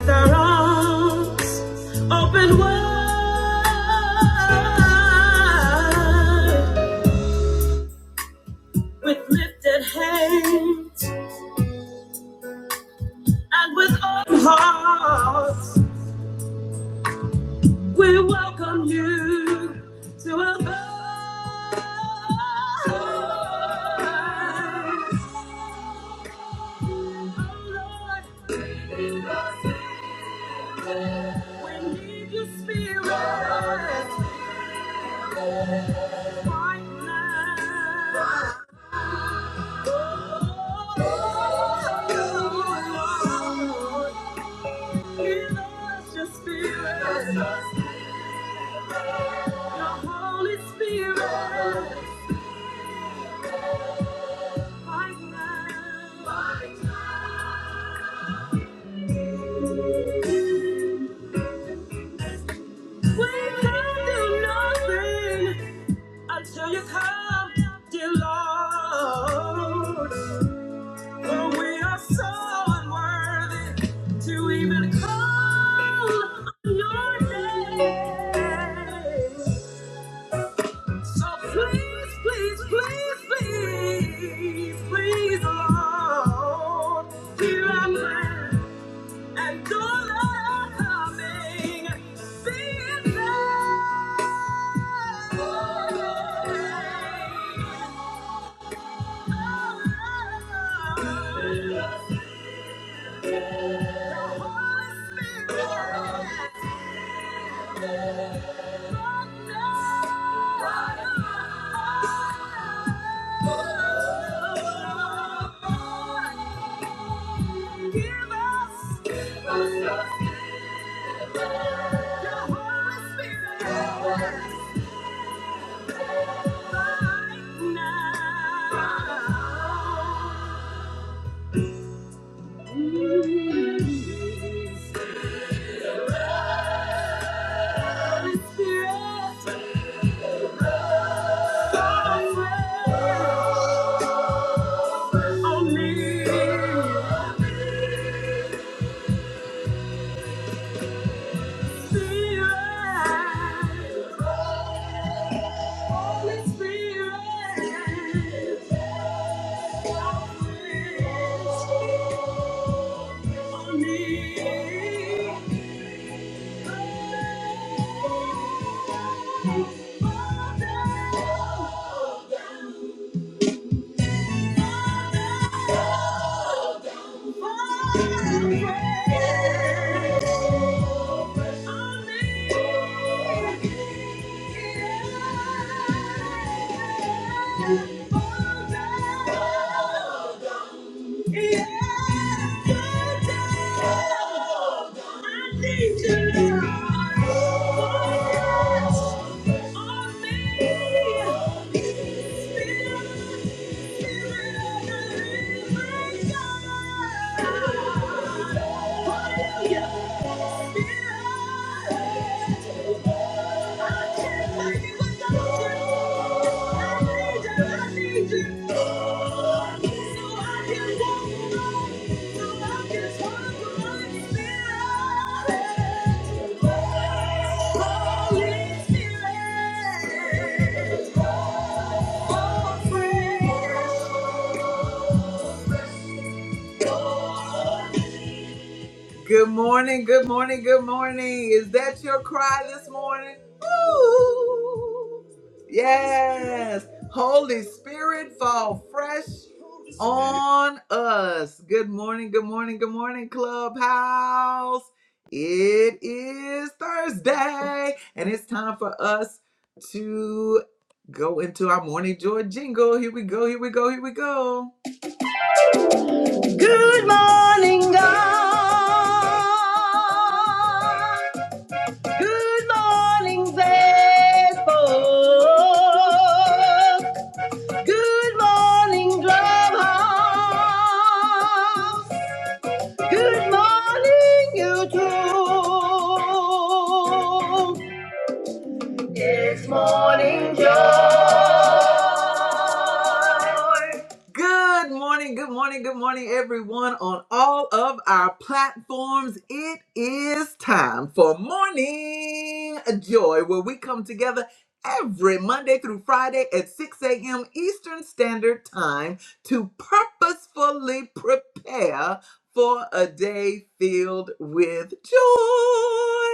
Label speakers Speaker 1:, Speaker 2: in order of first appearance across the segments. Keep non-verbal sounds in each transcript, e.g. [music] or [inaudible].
Speaker 1: Their arms open wide, with lifted hands and with open hearts, we welcome you to our abide. Oh Lord, we need your spirit. We need your spirit. We can do nothing. Until you come, dear Lord. For we are so unworthy to even call your name. So please, please, please, please, please, Lord, hear our prayer and don't let our coming be in vain. Give us your Holy Spirit. Holy Spirit, Yeah. Holy Spirit. Good morning, good morning, good morning. Is that your cry this morning? Ooh. Yes. Holy Spirit, fall fresh on us. Good morning, good morning, good morning, Clubhouse. It is Thursday, and it's time for us to go into our morning joy jingle. Here we go, here we go, here we go. Good morning, God. Good morning, faithful. Good morning, Clubhouse. Good morning, YouTube. It's morning joy. Good morning, good morning, good morning, everyone on all of our platforms. It is time for Morning Joy, where we come together every Monday through Friday at 6 a.m. Eastern Standard Time to purposefully prepare for a day filled with joy.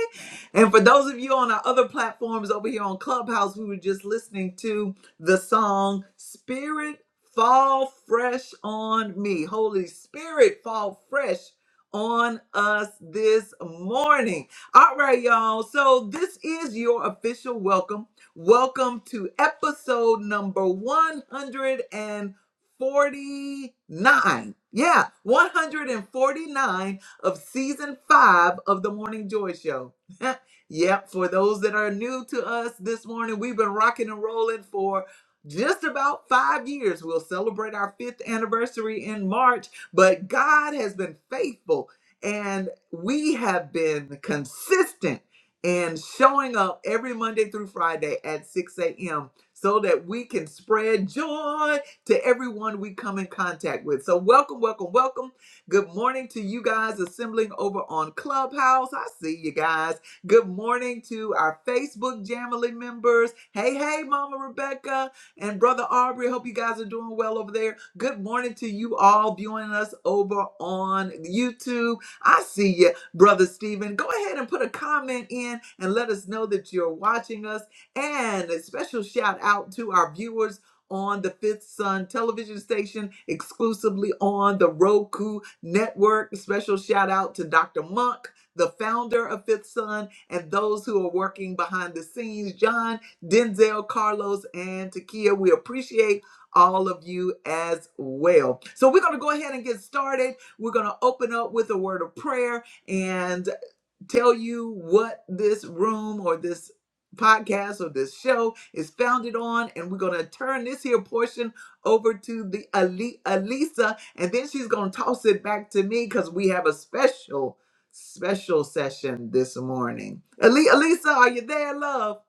Speaker 1: And for those of you on our other platforms over here on Clubhouse, we were just listening to the song Spirit Fall Fresh on Me. Holy Spirit, fall fresh on us this morning. All right, y'all. So this is your official welcome. Welcome to episode number 149. Yeah, 149 of season five of the Morning Joy Show. [laughs] Yep, for those that are new to us this morning, we've been rocking and rolling for just about five years. We'll celebrate our fifth anniversary in March, but God has been faithful and we have been consistent in showing up every Monday through Friday at 6 a.m. so that we can spread joy to everyone we come in contact with. So, welcome, welcome, welcome. Good morning to you guys assembling over on Clubhouse. I see you guys. Good morning to our Facebook Jamily members. Hey, hey, Mama Rebecca and Brother Aubrey. Hope you guys are doing well over there. Good morning to you all viewing us over on YouTube. I see you, Brother Stephen. Go ahead and put a comment in and let us know that you're watching us. And a special shout out to our viewers on the Fifth Sun television station, exclusively on the Roku network. Special shout out to Dr. Monk, the founder of Fifth Sun and those who are working behind the scenes John, Denzel, Carlos, and Takia. We appreciate all of you as well. So we're going to go ahead and get started. We're going to open up with a word of prayer. And tell you what this room or this podcast or this show is founded on and we're going to turn this here portion over to the Ali- Alisa and then she's going to toss it back to me cuz we have a special special session this morning. Ali- Alisa, are you there, love?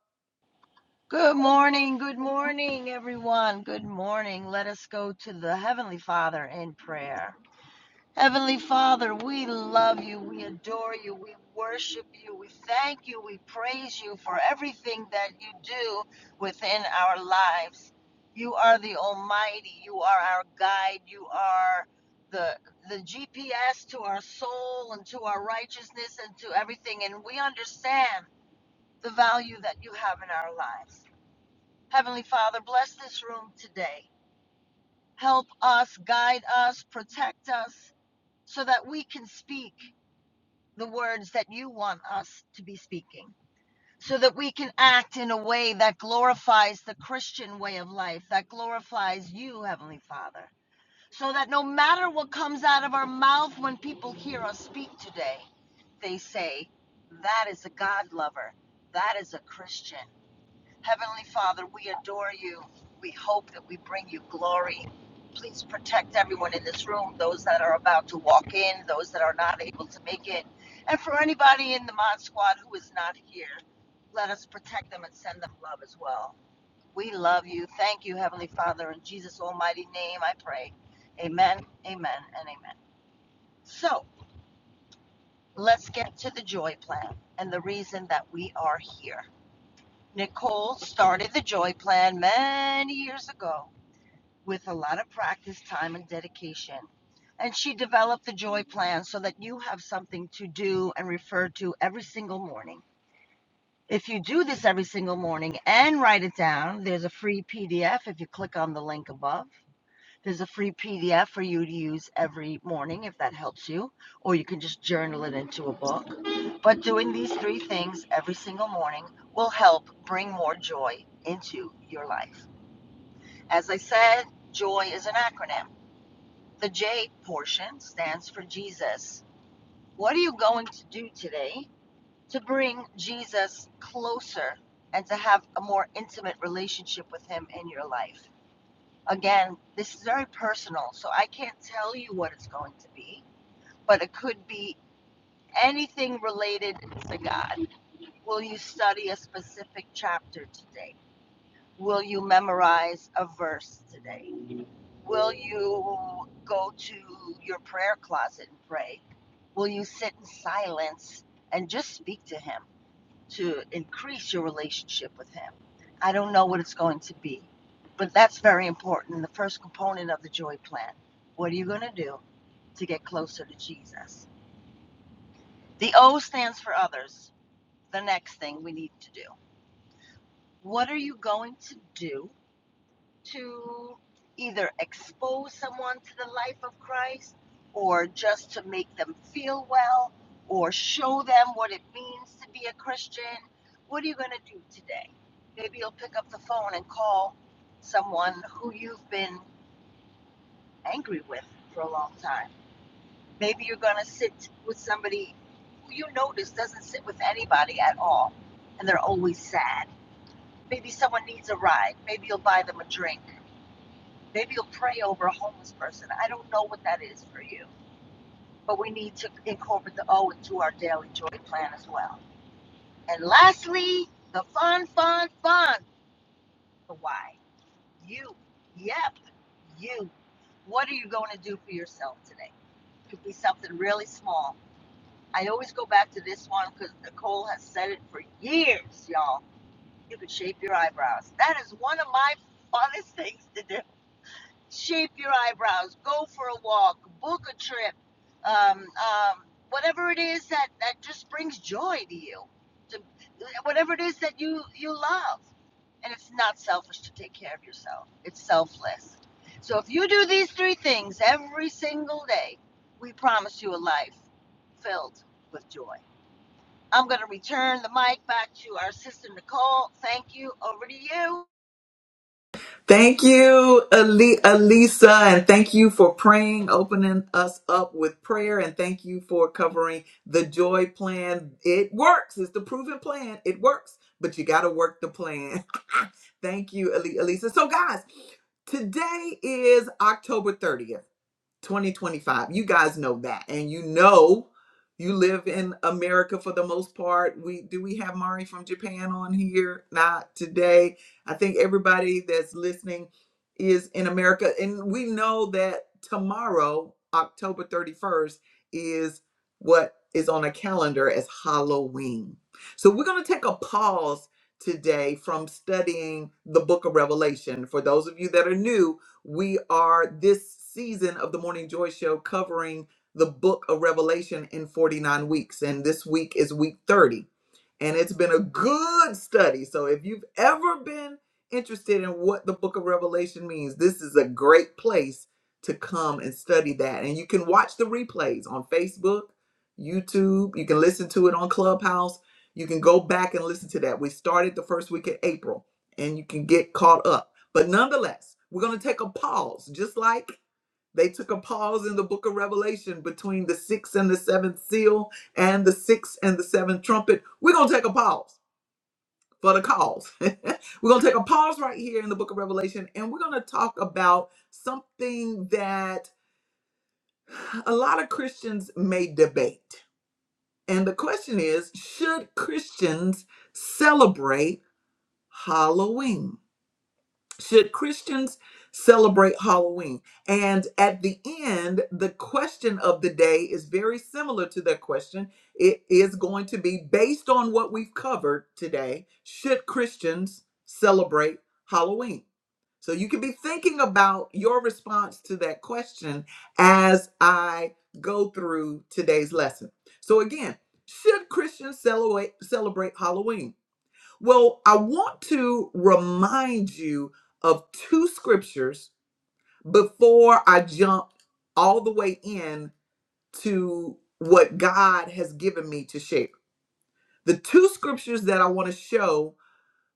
Speaker 2: Good morning, good morning, everyone. Good morning. Let us go to the Heavenly Father in prayer. Heavenly Father, we love you, we adore you, we worship you, we thank you, we praise you for everything that you do within our lives. You are the Almighty, you are our guide, you are the the GPS to our soul and to our righteousness and to everything, and we understand the value that you have in our lives. Heavenly Father, bless this room today. Help us, guide us, protect us so that we can speak the words that you want us to be speaking, so that we can act in a way that glorifies the Christian way of life, that glorifies you, Heavenly Father, so that no matter what comes out of our mouth when people hear us speak today, they say, That is a God lover. That is a Christian. Heavenly Father, we adore you. We hope that we bring you glory. Please protect everyone in this room, those that are about to walk in, those that are not able to make it. And for anybody in the Mod Squad who is not here, let us protect them and send them love as well. We love you. Thank you, Heavenly Father. In Jesus' almighty name, I pray. Amen, amen, and amen. So let's get to the joy plan and the reason that we are here. Nicole started the Joy Plan many years ago with a lot of practice, time, and dedication. And she developed the Joy Plan so that you have something to do and refer to every single morning. If you do this every single morning and write it down, there's a free PDF if you click on the link above. There's a free PDF for you to use every morning if that helps you, or you can just journal it into a book. But doing these three things every single morning will help bring more joy into your life. As I said, joy is an acronym. The J portion stands for Jesus. What are you going to do today to bring Jesus closer and to have a more intimate relationship with him in your life? Again, this is very personal, so I can't tell you what it's going to be, but it could be anything related to God. Will you study a specific chapter today? Will you memorize a verse today? Will you go to your prayer closet and pray? Will you sit in silence and just speak to Him? to increase your relationship with Him. I don't know what it's going to be, but that's very important. The first component of the joy plan. What are you going to do to get closer to Jesus? The O stands for others. The next thing we need to do. What are you going to do to either expose someone to the life of Christ or just to make them feel well or show them what it means to be a Christian. What are you going to do today? Maybe you'll pick up the phone and call someone who you've been angry with for a long time. Maybe you're going to sit with somebody who you notice doesn't sit with anybody at all and they're always sad. Maybe someone needs a ride. Maybe you'll buy them a drink Maybe you'll pray over a homeless person. I don't know what that is for you, but we need to incorporate the O into our daily joy plan as well. And lastly, the fun, fun, fun. The why. You. Yep. You. What are you going to do for yourself today? It Could be something really small. I always go back to this one because Nicole has said it for years, y'all. You could shape your eyebrows. That is one of my funnest things to do shape your eyebrows, go for a walk, book a trip, um, um, whatever it is that, that just brings joy to you, to, whatever it is that you, you love. And it's not selfish to take care of yourself, it's selfless. So if you do these three things every single day, we promise you a life filled with joy. I'm going to return the mic back to our sister Nicole. Thank you. Over to you.
Speaker 1: Thank you, Ali- Alisa, and thank you for praying, opening us up with prayer, and thank you for covering the joy plan. It works. It's the proven plan. It works, but you got to work the plan. [laughs] thank you, Ali- Alisa. So, guys, today is October 30th. 2025. You guys know that. And you know you live in America for the most part. We do we have Mari from Japan on here? Not today. I think everybody that's listening is in America. And we know that tomorrow, October 31st, is what is on a calendar as Halloween. So we're gonna take a pause today from studying the book of Revelation. For those of you that are new, we are this season of the Morning Joy Show covering the book of Revelation in 49 weeks. And this week is week 30 and it's been a good study. So if you've ever been interested in what the book of Revelation means, this is a great place to come and study that. And you can watch the replays on Facebook, YouTube, you can listen to it on Clubhouse. You can go back and listen to that. We started the first week in April and you can get caught up. But nonetheless, we're going to take a pause just like they took a pause in the book of Revelation between the sixth and the seventh seal and the sixth and the seventh trumpet. We're going to take a pause for the cause. [laughs] we're going to take a pause right here in the book of Revelation and we're going to talk about something that a lot of Christians may debate. And the question is should Christians celebrate Halloween? Should Christians celebrate Halloween? And at the end, the question of the day is very similar to that question. It is going to be based on what we've covered today. Should Christians celebrate Halloween? So you can be thinking about your response to that question as I go through today's lesson. So again, should Christians celebrate celebrate Halloween? Well, I want to remind you of two scriptures before I jump all the way in to what God has given me to share. The two scriptures that I want to show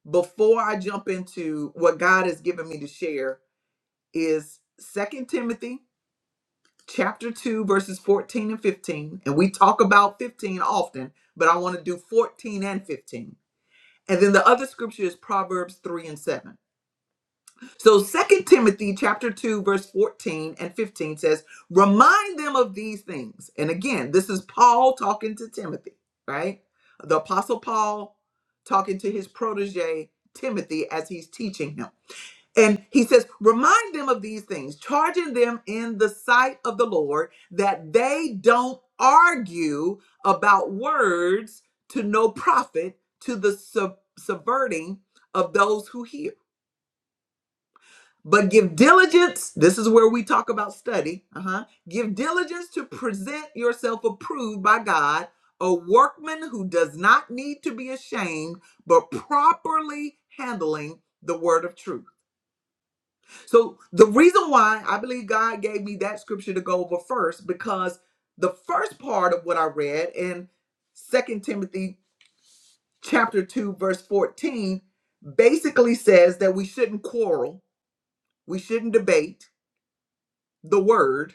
Speaker 1: before I jump into what God has given me to share is Second Timothy chapter 2 verses 14 and 15 and we talk about 15 often but i want to do 14 and 15 and then the other scripture is proverbs 3 and 7 So Second Timothy chapter 2 verse 14 and 15 says, "Remind them of these things." And again, this is Paul talking to Timothy, right? The apostle Paul talking to his protege Timothy as he's teaching him. And he says, "Remind them of these things, charging them in the sight of the Lord that they don't argue about words to no profit to the sub- subverting of those who hear." But give diligence, this is where we talk about study. Uh-huh. Give diligence to present yourself approved by God, a workman who does not need to be ashamed, but properly handling the word of truth. So the reason why I believe God gave me that scripture to go over first, because the first part of what I read in Second Timothy chapter 2, verse 14, basically says that we shouldn't quarrel, we shouldn't debate the word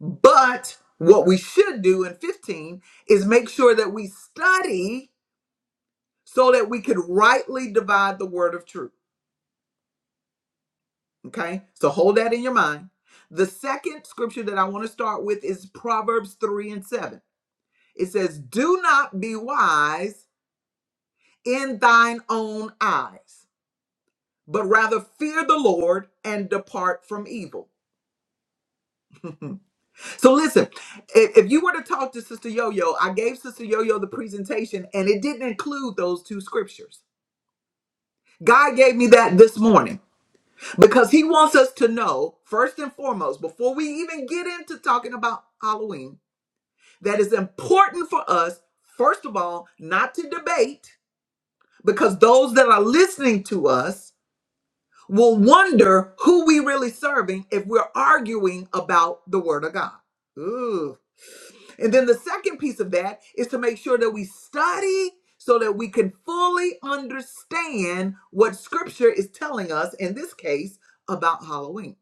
Speaker 1: But what we should do in 15 is make sure that we study so that we could rightly divide the word of truth. Okay? So hold that in your mind. The second scripture that I want to start with is Proverbs 3 and 7. It says, Do not be wise in thine own eyes, but rather fear the Lord and depart from evil. So listen, if, if you were to talk to Sister Yo-Yo, I gave Sister Yo-Yo the presentation and it didn't include those two scriptures. God gave me that this morning because he wants us to know first and foremost before we even get into talking about Halloween that it's important for us first of all not to debate because those that are listening to us will wonder who we really serving if we're arguing about the word of God. Ooh. And then the second piece of that is to make sure that we study so that we can fully understand what scripture is telling us, in this case, about Halloween.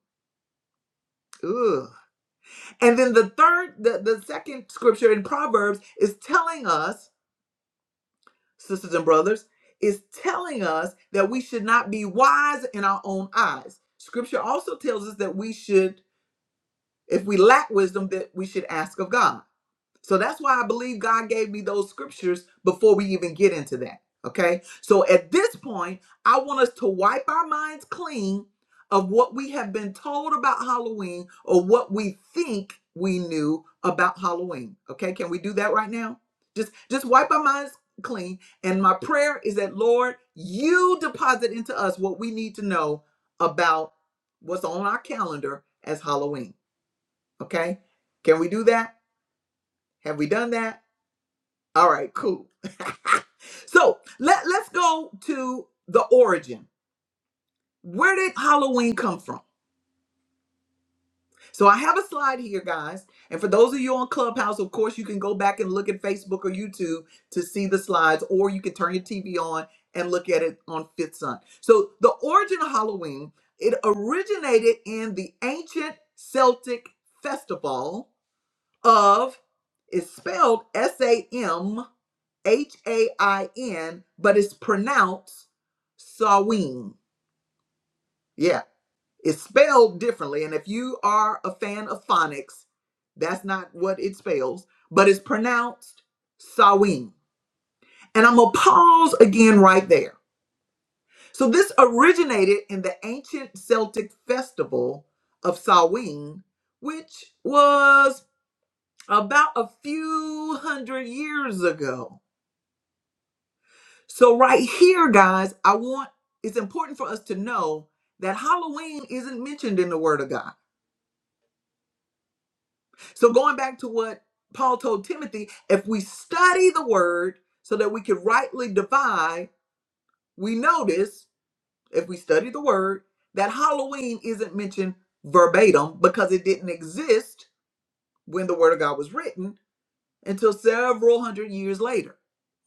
Speaker 1: Ugh. And then the third, the, the second scripture in Proverbs is telling us, sisters and brothers, is telling us that we should not be wise in our own eyes. Scripture also tells us that we should, if we lack wisdom, that we should ask of God. So that's why I believe God gave me those scriptures before we even get into that. Okay. So at this point, I want us to wipe our minds clean of what we have been told about Halloween or what we think we knew about Halloween. Okay. Can we do that right now? Just just wipe our minds clean. And my prayer is that Lord, you deposit into us what we need to know about what's on our calendar as Halloween. Okay. Can we do that? Have we done that? All right, cool. [laughs] so let, let's go to the origin. Where did Halloween come from? So I have a slide here, guys. And for those of you on Clubhouse, of course, you can go back and look at Facebook or YouTube to see the slides, or you can turn your TV on and look at it on Fifth Sun. So the origin of Halloween, it originated in the ancient Celtic festival of, it's spelled S-A-M H A I N, but it's pronounced Sawin. Yeah, it's spelled differently. And if you are a fan of phonics, that's not what it spells, but it's pronounced Sawin. And I'm going to pause again right there. So this originated in the ancient Celtic festival of Samhain, which was about a few hundred years ago. So right here, guys, I want it's important for us to know that Halloween isn't mentioned in the Word of God. So going back to what Paul told Timothy, if we study the Word so that we can rightly divide, we notice if we study the Word that Halloween isn't mentioned verbatim because it didn't exist when the Word of God was written until several hundred years later.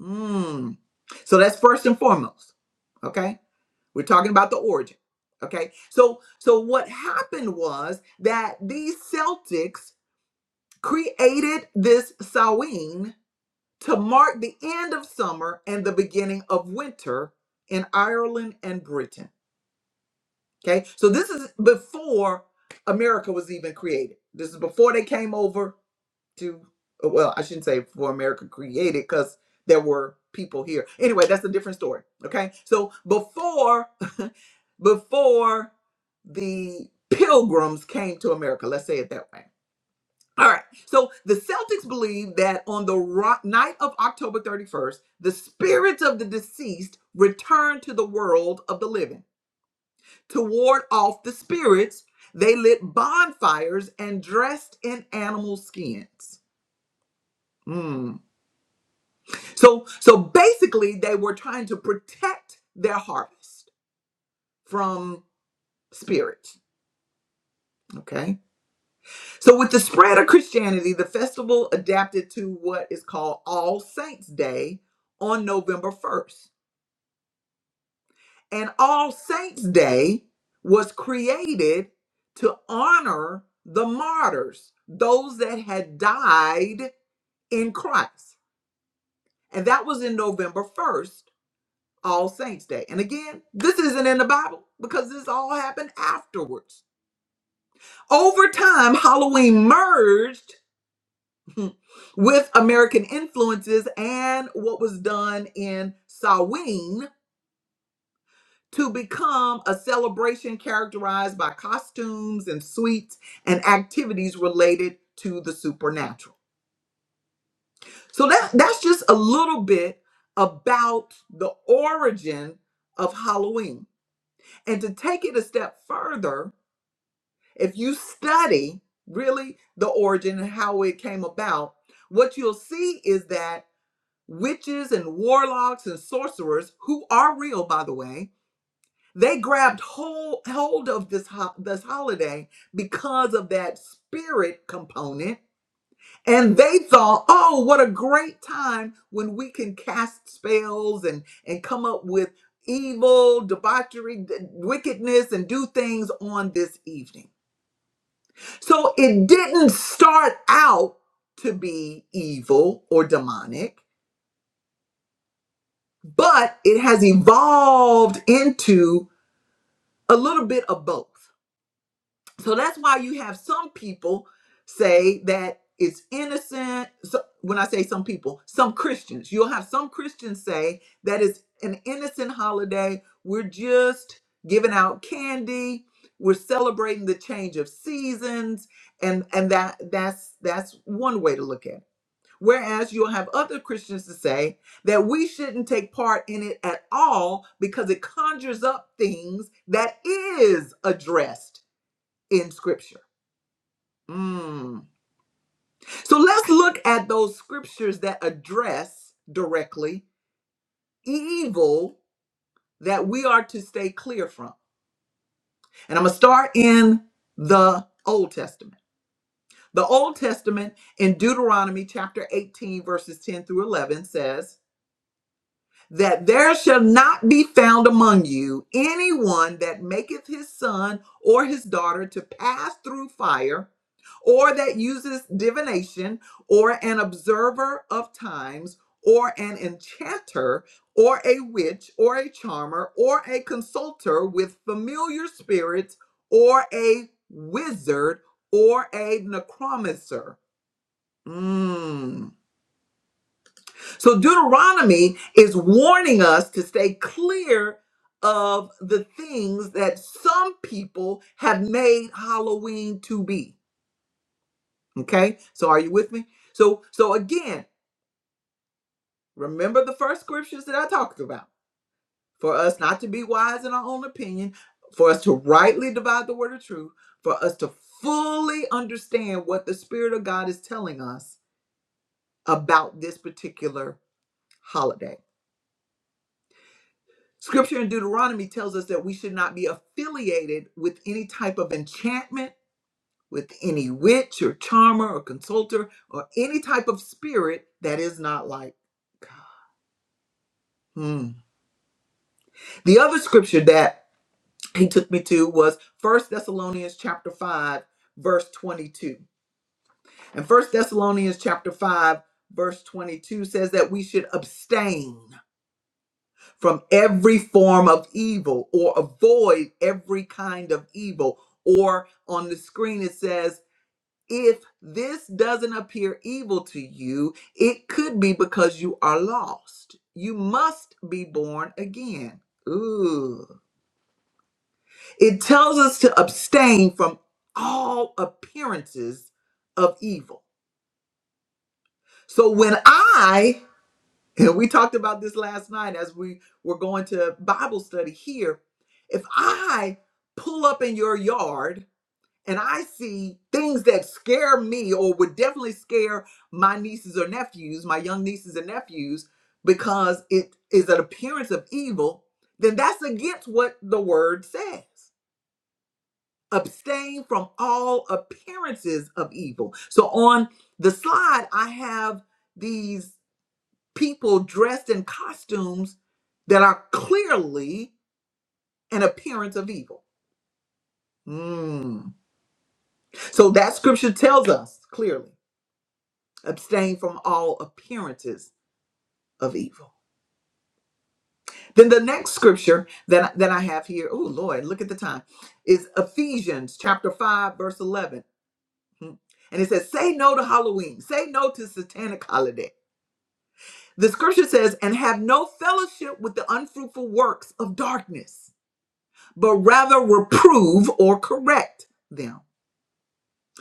Speaker 1: Mm. So that's first and foremost. Okay. We're talking about the origin. Okay. So so what happened was that these Celtics created this Samhain to mark the end of summer and the beginning of winter in Ireland and Britain. Okay. So this is before America was even created. This is before they came over to uh, well i shouldn't say for america created because there were people here anyway that's a different story okay so before [laughs] before the pilgrims came to america let's say it that way all right so the celtics believe that on the ro- night of october 31st the spirits of the deceased returned to the world of the living to ward off the spirits they lit bonfires and dressed in animal skins Hmm. So so basically they were trying to protect their harvest from spirits. Okay. So with the spread of Christianity, the festival adapted to what is called All Saints Day on November 1st. And All Saints Day was created to honor the martyrs, those that had died in Christ. And that was in November 1st All Saints Day. And again, this isn't in the Bible because this all happened afterwards. Over time, Halloween merged [laughs] with American influences and what was done in Samhain to become a celebration characterized by costumes and sweets and activities related to the supernatural. So that that's just a little bit about the origin of Halloween. And to take it a step further, If you study really the origin and how it came about, what you'll see is that witches and warlocks and sorcerers, who are real, by the way, they grabbed whole, hold of this ho- this holiday because of that spirit component, and they thought, "Oh, what a great time when we can cast spells and and come up with evil, debauchery, d- wickedness, and do things on this evening." So it didn't start out to be evil or demonic, but it has evolved into a little bit of both. So that's why you have some people say that it's innocent. So when I say some people, some Christians, you'll have some Christians say that it's an innocent holiday. We're just giving out candy. We're celebrating the change of seasons, and and that that's that's one way to look at it Whereas you'll have other Christians to say that we shouldn't take part in it at all because it conjures up things that is addressed in scripture. Mm. So let's look at those scriptures that address directly evil that we are to stay clear from. And I'm going to start in the Old Testament. The Old Testament in Deuteronomy chapter 18, verses 10 through 11 says, that there shall not be found among you anyone that maketh his son or his daughter to pass through fire, or that uses divination, or an observer of times, or an enchanter, or a witch, or a charmer, or a consulter with familiar spirits, or a wizard, or a necromancer. Mm. So Deuteronomy is warning us to stay clear of the things that some people have made Halloween to be. Okay? So are you with me? So so again, remember the first scriptures that I talked about. For us not to be wise in our own opinion, for us to rightly divide the word of truth, for us to fully understand what the spirit of God is telling us about this particular holiday. Scripture in Deuteronomy tells us that we should not be affiliated with any type of enchantment, with any witch or charmer or consulter or any type of spirit that is not like God. Hmm. The other scripture that he took me to was First Thessalonians chapter 5 verse 22. And First Thessalonians chapter 5 verse 22 says that we should abstain. from every form of evil or avoid every kind of evil. Or on the screen, it says, if this doesn't appear evil to you, it could be because you are lost. You must be born again. Ooh. It tells us to abstain from all appearances of evil. So when I [laughs] we talked about this last night as we were going to Bible study here. If I pull up in your yard and I see things that scare me or would definitely scare my nieces or nephews, my young nieces and nephews, because it is an appearance of evil, then that's against what the word says. Abstain from all appearances of evil. So on the slide, I have these people dressed in costumes that are clearly an appearance of evil. Mm. So that scripture tells us clearly abstain from all appearances of evil. Then the next scripture that, that I have here, oh Lord, look at the time, is Ephesians chapter 5, verse 11. Mm. And it says, Say no to Halloween, say no to satanic holiday. The scripture says, And have no fellowship with the unfruitful works of darkness but rather reprove or correct them.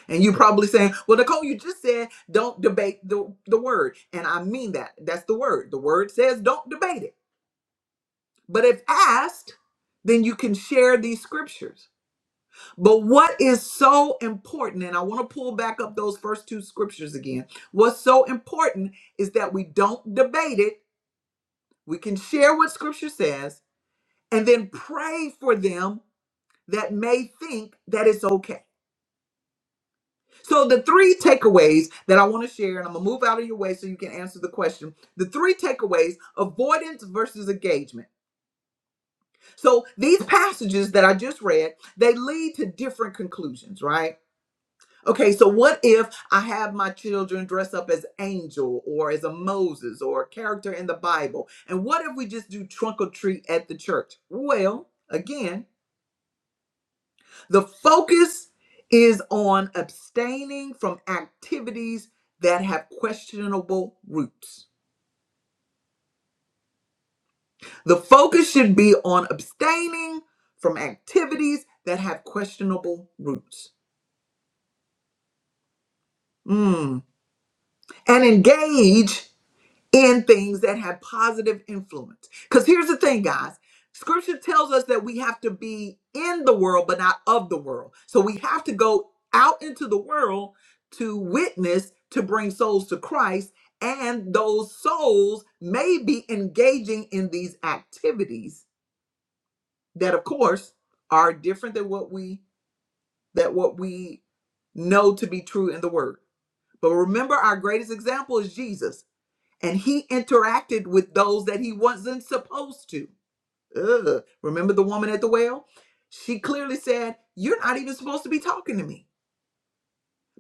Speaker 1: And you're probably saying, well, Nicole, you just said don't debate the, the word. And I mean that. That's the word. The word says don't debate it. But if asked, then you can share these scriptures. But what is so important, and I want to pull back up those first two scriptures again. What's so important is that we don't debate it. We can share what scripture says and then pray for them that may think that it's okay So the three takeaways that I want to share, and I'm gonna move out of your way so you can answer the question. The three takeaways: avoidance versus engagement. So these passages that I just read, they lead to different conclusions, right? Okay, so what if I have my children dress up as angel or as a Moses or a character in the Bible? And what if we just do trunk or treat at the church? Well, again, The focus is on abstaining from activities that have questionable roots. The focus should be on abstaining from activities that have questionable roots. Mm. And engage in things that have positive influence. Because here's the thing, guys scripture tells us that we have to be in the world, but not of the world. So we have to go out into the world to witness, to bring souls to Christ. And those souls may be engaging in these activities that, of course, are different than what we that what we know to be true in the word. But remember, our greatest example is Jesus and he interacted with those that he wasn't supposed to. Ugh. Remember the woman at the well? She clearly said, You're not even supposed to be talking to me.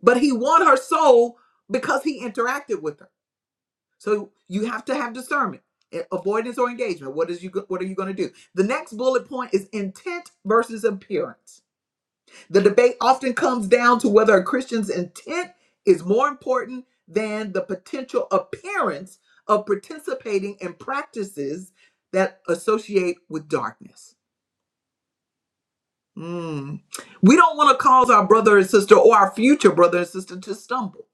Speaker 1: But he won her soul because he interacted with her. So you have to have discernment, eh, avoidance or engagement. What is you go- what are you going to do? The next bullet point is intent versus appearance the debate often comes down to whether a Christian's intent is more important than the potential appearance of participating in practices that associate with darkness. Mm. We don't want to cause our brother and sister or our future brother and sister to stumble.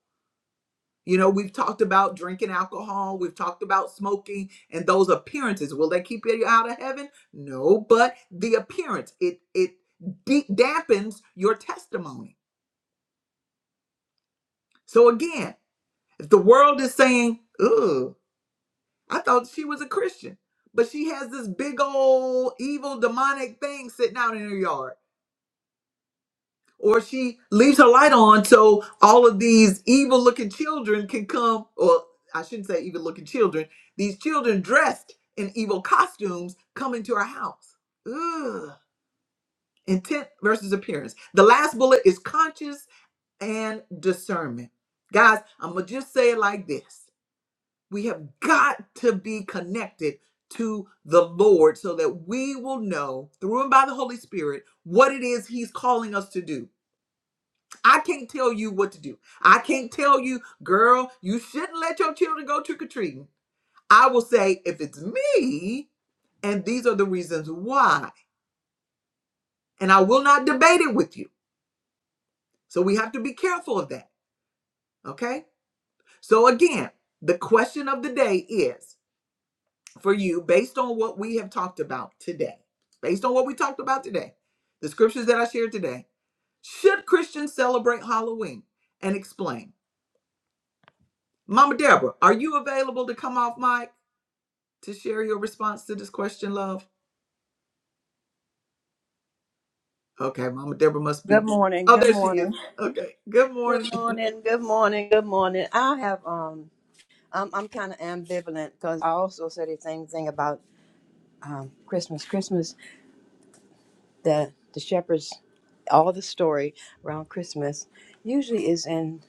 Speaker 1: You know, we've talked about drinking alcohol, we've talked about smoking and those appearances. Will they keep you out of heaven? No, but the appearance, it it de- dampens your testimony. So again, If the world is saying, "Ooh, I thought she was a Christian," but she has this big old evil demonic thing sitting out in her yard, or she leaves her light on so all of these evil-looking children can come, or I shouldn't say evil-looking children, these children dressed in evil costumes come into her house. Ugh. Intent versus appearance. The last bullet is conscious and discernment. Guys, I'm gonna just say it like this. We have got to be connected to the Lord so that we will know through and by the Holy Spirit what it is He's calling us to do. I can't tell you what to do. I can't tell you, girl, you shouldn't let your children go trick or treating. I will say, if it's me, and these are the reasons why, and I will not debate it with you. So we have to be careful of that. Okay. So again, the question of the day is for you based on what we have talked about today. Based on what we talked about today, the scriptures that I shared today. Should Christians celebrate Halloween? And explain. Mama Deborah, are you available to come off mic to share your response to this question, love? Okay, Mama Deborah must
Speaker 3: Good
Speaker 1: be.
Speaker 3: morning.
Speaker 1: Oh,
Speaker 3: Good
Speaker 1: there she is.
Speaker 3: morning.
Speaker 1: Okay. Good morning.
Speaker 3: Good morning. Good morning. Good morning. I have um I'm I'm kind of ambivalent because I also said the same thing about um Christmas. Christmas the the shepherds all the story around Christmas usually is in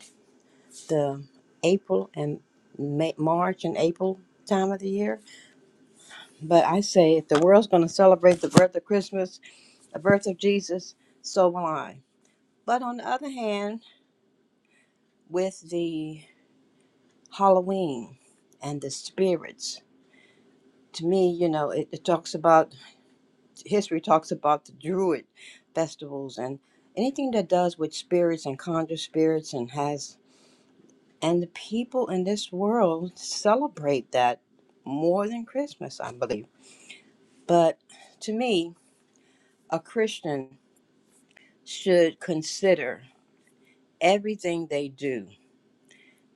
Speaker 3: the April and May, March and April time of the year. But I say if the world's going to celebrate the birth of Christmas, the birth of Jesus, so will I. But on the other hand, with the Halloween and the spirits. To me, you know, it, it talks about history, talks about the Druid festivals and anything that does with spirits and conjure spirits and has, and the people in this world celebrate that more than Christmas, I believe. But to me, a Christian should consider everything they do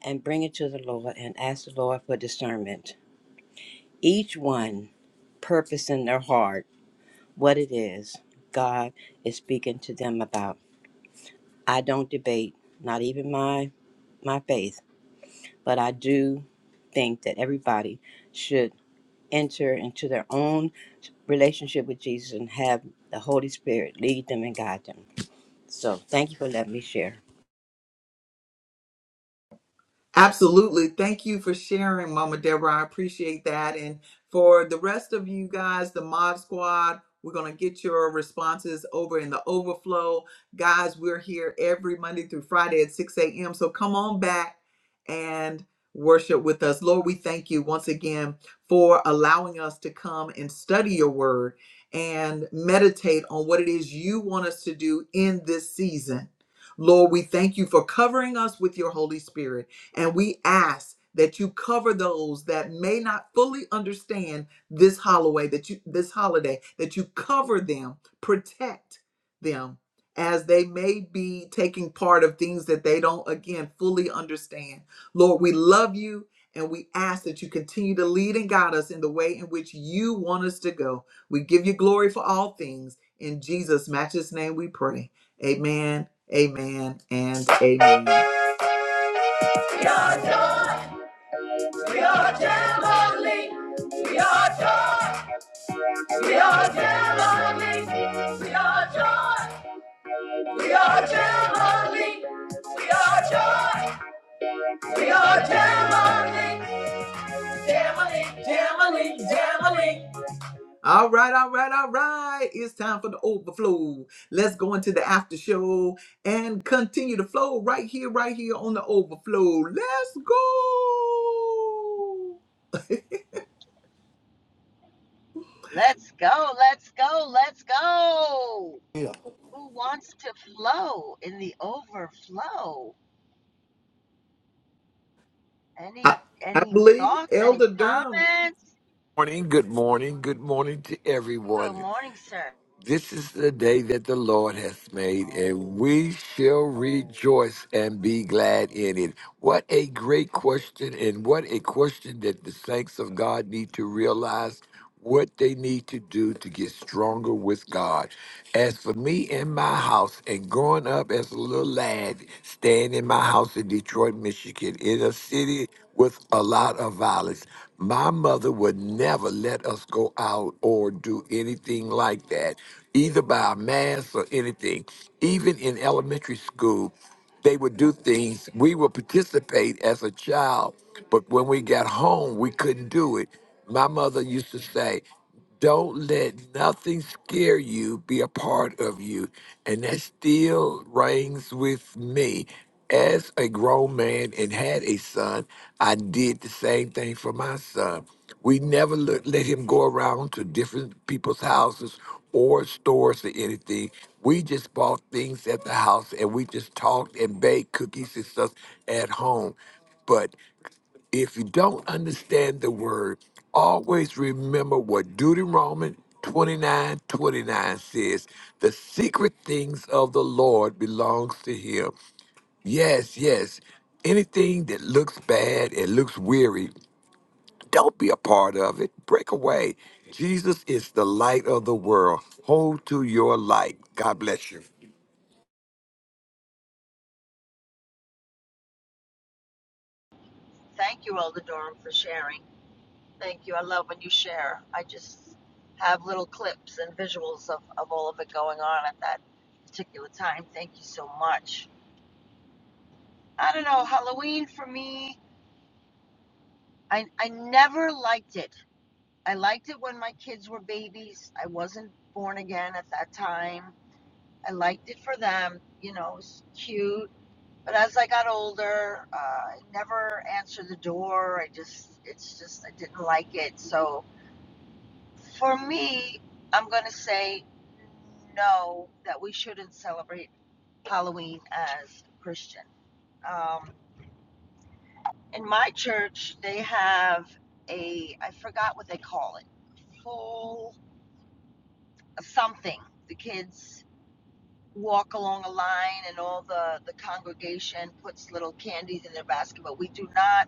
Speaker 3: and bring it to the Lord and ask the Lord for discernment. Each one purpose in their heart what it is God is speaking to them about. I don't debate, not even my my faith, but I do think that everybody should enter into their own relationship with Jesus and have the Holy Spirit lead them and guide them. So thank you for letting me share.
Speaker 1: Absolutely. Thank you for sharing, Mama Deborah. I appreciate that. And for the rest of you guys, the Mod Squad, we're going to get your responses over in the overflow. Guys, we're here every Monday through Friday at 6 a.m. So come on back and worship with us. Lord, we thank you once again for allowing us to come and study your word and meditate on what it is you want us to do in this season. Lord, we thank you for covering us with your Holy Spirit. And we ask that you cover those that may not fully understand this holiday, that you this holiday, that you cover them, protect them as they may be taking part of things that they don't again fully understand. Lord, we love you and we ask that you continue to lead and guide us in the way in which you want us to go. We give you glory for all things. In Jesus' matchless name we pray. Amen, amen, and amen. Your joy. We are Jamboree. We are joy. We are Jamboree. We are joy. We are Jamboree. We are joy. We are Jamboree. Jamboree. Jamboree. Jamboree. All right, all right, all right. It's time for the overflow. Let's go into the after show and continue to flow right here, right here on the overflow. Let's go.
Speaker 2: Let's go. Let's go. Let's go. who wants to flow in the overflow?
Speaker 1: I,
Speaker 2: Any
Speaker 1: I
Speaker 2: any
Speaker 1: believe
Speaker 2: thoughts? Any
Speaker 1: Elder Durham
Speaker 2: comments?
Speaker 4: morning, good morning, good morning to
Speaker 2: Good
Speaker 4: everyone.
Speaker 2: morning, sir.
Speaker 4: This is the day that the Lord has made, and we shall rejoice and be glad in it. What a great question, and what a question that the saints of God need to realize what they need to do to get stronger with God. As for me and my house, and growing up as a little lad, staying in my house in Detroit, Michigan, in a city with a lot of violence, my mother would never let us go out or do anything like that, either by a mask or anything. Even in elementary school, they would do things. We would participate as a child, but when we got home, we couldn't do it. My mother used to say, don't let nothing scare you, be a part of you. And that still rings with me. As a grown man and had a son, I did the same thing for my son. We never let, let him go around to different people's houses or stores or anything. We just bought things at the house and we just talked and baked cookies and stuff at home. But if you don't understand the word, always remember what Deuteronomy 29 29 says. The secret things of the Lord belongs to him. Yes, yes. Anything that looks bad and looks weary, don't be a part of it. Break away. Jesus is the light of the world. Hold to your light. God bless you.
Speaker 2: Thank you, Elder Durham, for sharing. Thank you. I love when you share. I just have little clips and visuals of, of all of it going on at that particular time. Thank you so much. I don't know, Halloween for me, I I never liked it. I liked it when my kids were babies. I wasn't born again at that time I liked it for them. You know, it was cute. But as I got older, uh, I never answered the door. I just, it's just, I didn't like it. So for me, I'm going to say no, that we shouldn't celebrate Halloween as Christian. Um, in my church, they have a, I forgot what they call it, full something. The kids walk along a line and all the, the congregation puts little candies in their basket, but we do not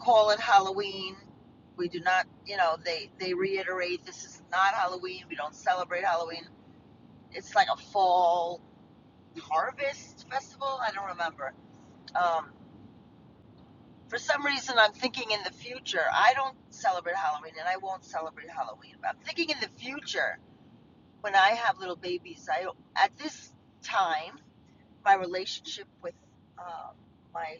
Speaker 2: call it Halloween. We do not, you know, they, they reiterate this is not Halloween. We don't celebrate Halloween. It's like a fall harvest festival. I don't remember. Um, for some reason, I'm thinking in the future. I don't celebrate Halloween and I won't celebrate Halloween. But I'm thinking in the future when I have little babies. I, at this time, my relationship with um, my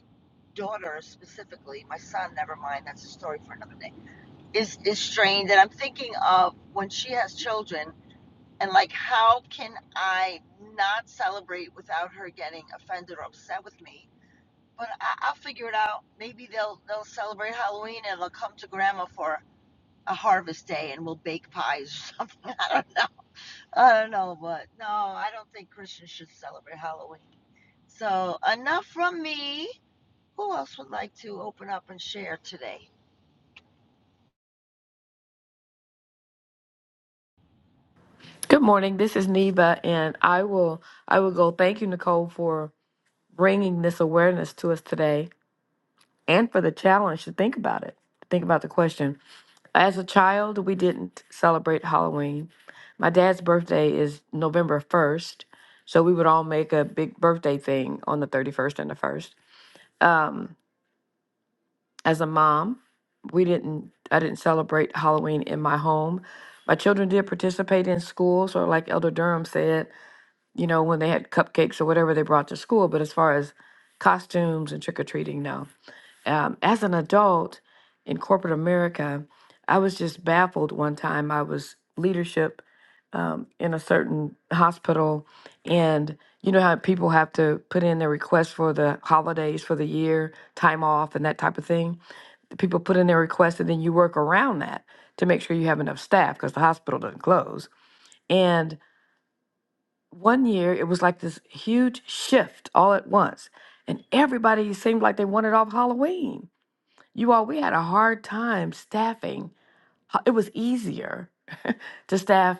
Speaker 2: daughter specifically, my son, never mind, that's a story for another day, is, is strained. And I'm thinking of when she has children and like, how can I not celebrate without her getting offended or upset with me? But I, I'll figure it out. Maybe they'll they'll celebrate Halloween and they'll come to Grandma for a harvest day and we'll bake pies or [laughs] something. I don't know. I don't know, but no, I don't think Christians should celebrate Halloween. So enough from me. Who else would like to open up and share today?
Speaker 5: Good morning. This is Neva, and I will I will go. Thank you, Nicole, for bringing this awareness to us today, and for the challenge to think about it. Think about the question. As a child, we didn't celebrate Halloween. My dad's birthday is November first, so we would all make a big birthday thing on the thirty first and the first. Um, as a mom, we didn't. I didn't celebrate Halloween in my home. My children did participate in school, so like Elder Durham said. you know, when they had cupcakes or whatever they brought to school. But as far as costumes and trick or treating, no. Um, as an adult in corporate America, I was just baffled one time. I was leadership um, in a certain hospital, and you know how people have to put in their requests for the holidays for the year, time off, and that type of thing. The People put in their requests, and then you work around that to make sure you have enough staff because the hospital doesn't close. and one year it was like this huge shift all at once and everybody seemed like they wanted off halloween you all we had a hard time staffing ho- it was easier [laughs] to staff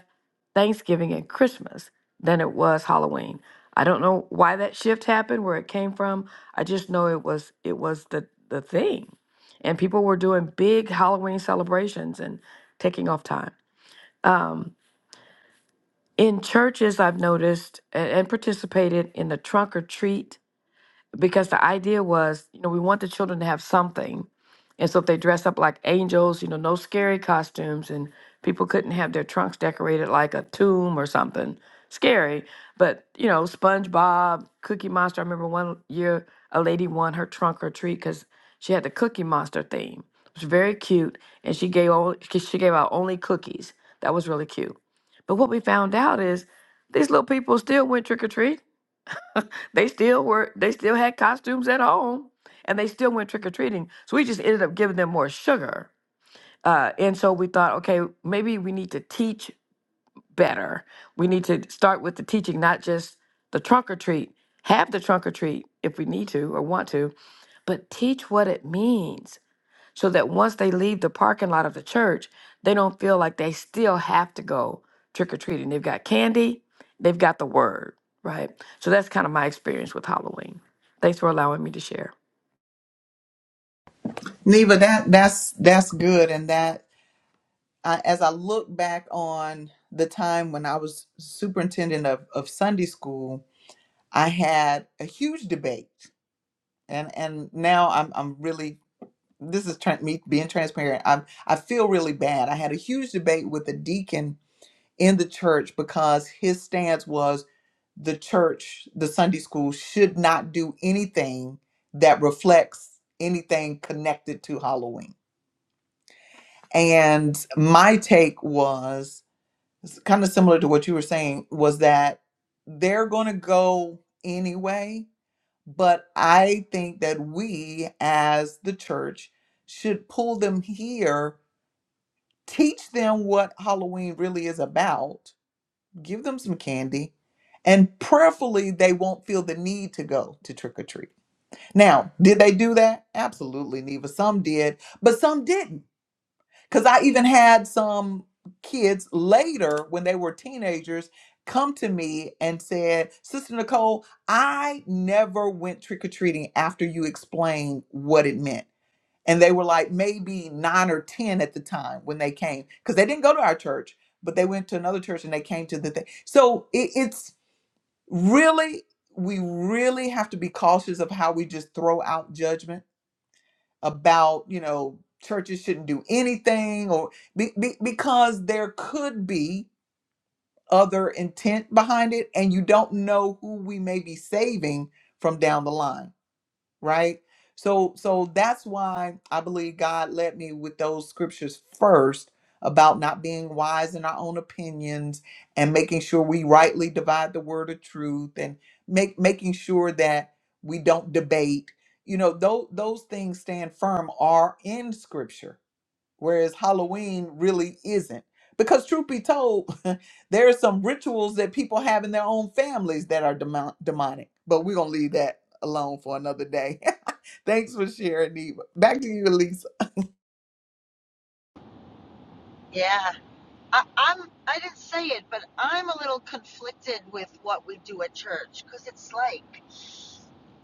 Speaker 5: thanksgiving and christmas than it was halloween i don't know why that shift happened where it came from i just know it was it was the the thing and people were doing big halloween celebrations and taking off time in churches i've noticed a- and participated in the trunk or treat because the idea was, you know, we want the children to have something. And so if they dress up like angels, you know, no scary costumes, and people couldn't have their trunks decorated like a tomb or something scary. But, you know, SpongeBob, Cookie Monster. I remember one year a lady won her trunk or treat because she had the Cookie Monster theme. It was very cute. And she gave, all, she gave out only cookies. That was really cute. But what we found out is these little people still went trick or treat they still were they still had costumes at home and they still went trick or treating. So we just ended up giving them more sugar. Uh, and so we thought, okay, maybe we need to teach better. We need to start with the teaching, not just the trunk or treat. Have the trunk or treat if we need to or want to, but teach what it means so that once they leave the parking lot of the church, they don't feel like they still have to go trick or treating. They've got candy, they've got the word, right? So that's kind of my experience with Halloween. Thanks for allowing me to share.
Speaker 1: Neva, that that's that's good, and that I, as I look back on the time when I was superintendent of, of Sunday school, I had a huge debate, and and now I'm I'm really this is tran me being transparent. I'm I feel really bad. I had a huge debate with a deacon in the church because his stance was the church, the Sunday school should not do anything that reflects anything connected to Halloween And my take was kind of similar to what you were saying was that they're going to go anyway, but I think that we as the church should pull them here, teach them what Halloween really is about, give them some candy, and prayerfully they won't feel the need to go to trick or treat. Now, did they do that? Absolutely, Neva. Some did, but some didn't Because I even had some kids later when they were teenagers come to me and said, Sister Nicole, I never went trick or treating after you explained what it meant. And they were like maybe nine or 10 at the time when they came, because they didn't go to our church, but they went to another church and they came to the thing. So it, it's really, we really have to be cautious of how we just throw out judgment about you know churches shouldn't do anything or be, be, because there could be other intent behind it and you don't know who we may be saving from down the line right? So so that's why I believe God led me with those scriptures first about not being wise in our own opinions and making sure we rightly divide the word of truth and make making sure that we don't debate. You know, those those things stand firm are in scripture whereas Halloween really isn't. Because truth be told, [laughs] there are some rituals that people have in their own families that are demon- demonic. But we're gonna leave that alone for another day. [laughs] Thanks for sharing, Eva. Back to you, Elisa.
Speaker 2: Yeah, I, I'm. I didn't say it, but I'm a little conflicted with what we do at church because it's like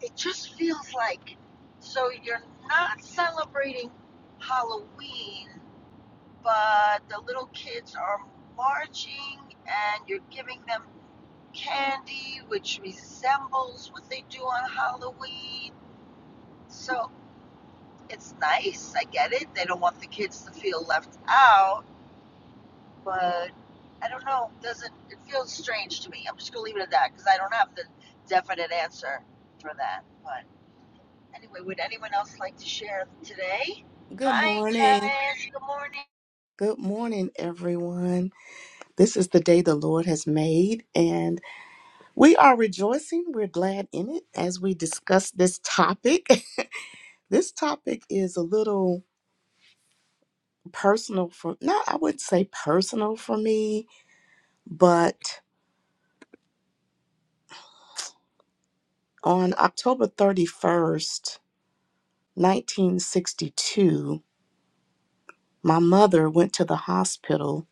Speaker 2: it just feels like so you're not celebrating Halloween, but the little kids are marching and you're giving them candy, which resembles what they do on Halloween. So it's nice. I get it. They don't want the kids to feel left out, but I don't know. Doesn't it feels strange to me? I'm just gonna leave it at that because I don't have the definite answer for that. But anyway, would anyone else like to share today?
Speaker 6: Good
Speaker 2: Hi,
Speaker 6: morning.
Speaker 2: Janice. Good morning.
Speaker 6: Good morning, everyone. This is the day the Lord has made, and we are rejoicing. We're glad in it as we discuss this topic. [laughs] this topic is a little personal for, not, I would say personal for me, but on October 31st, 1962, my mother went to the hospital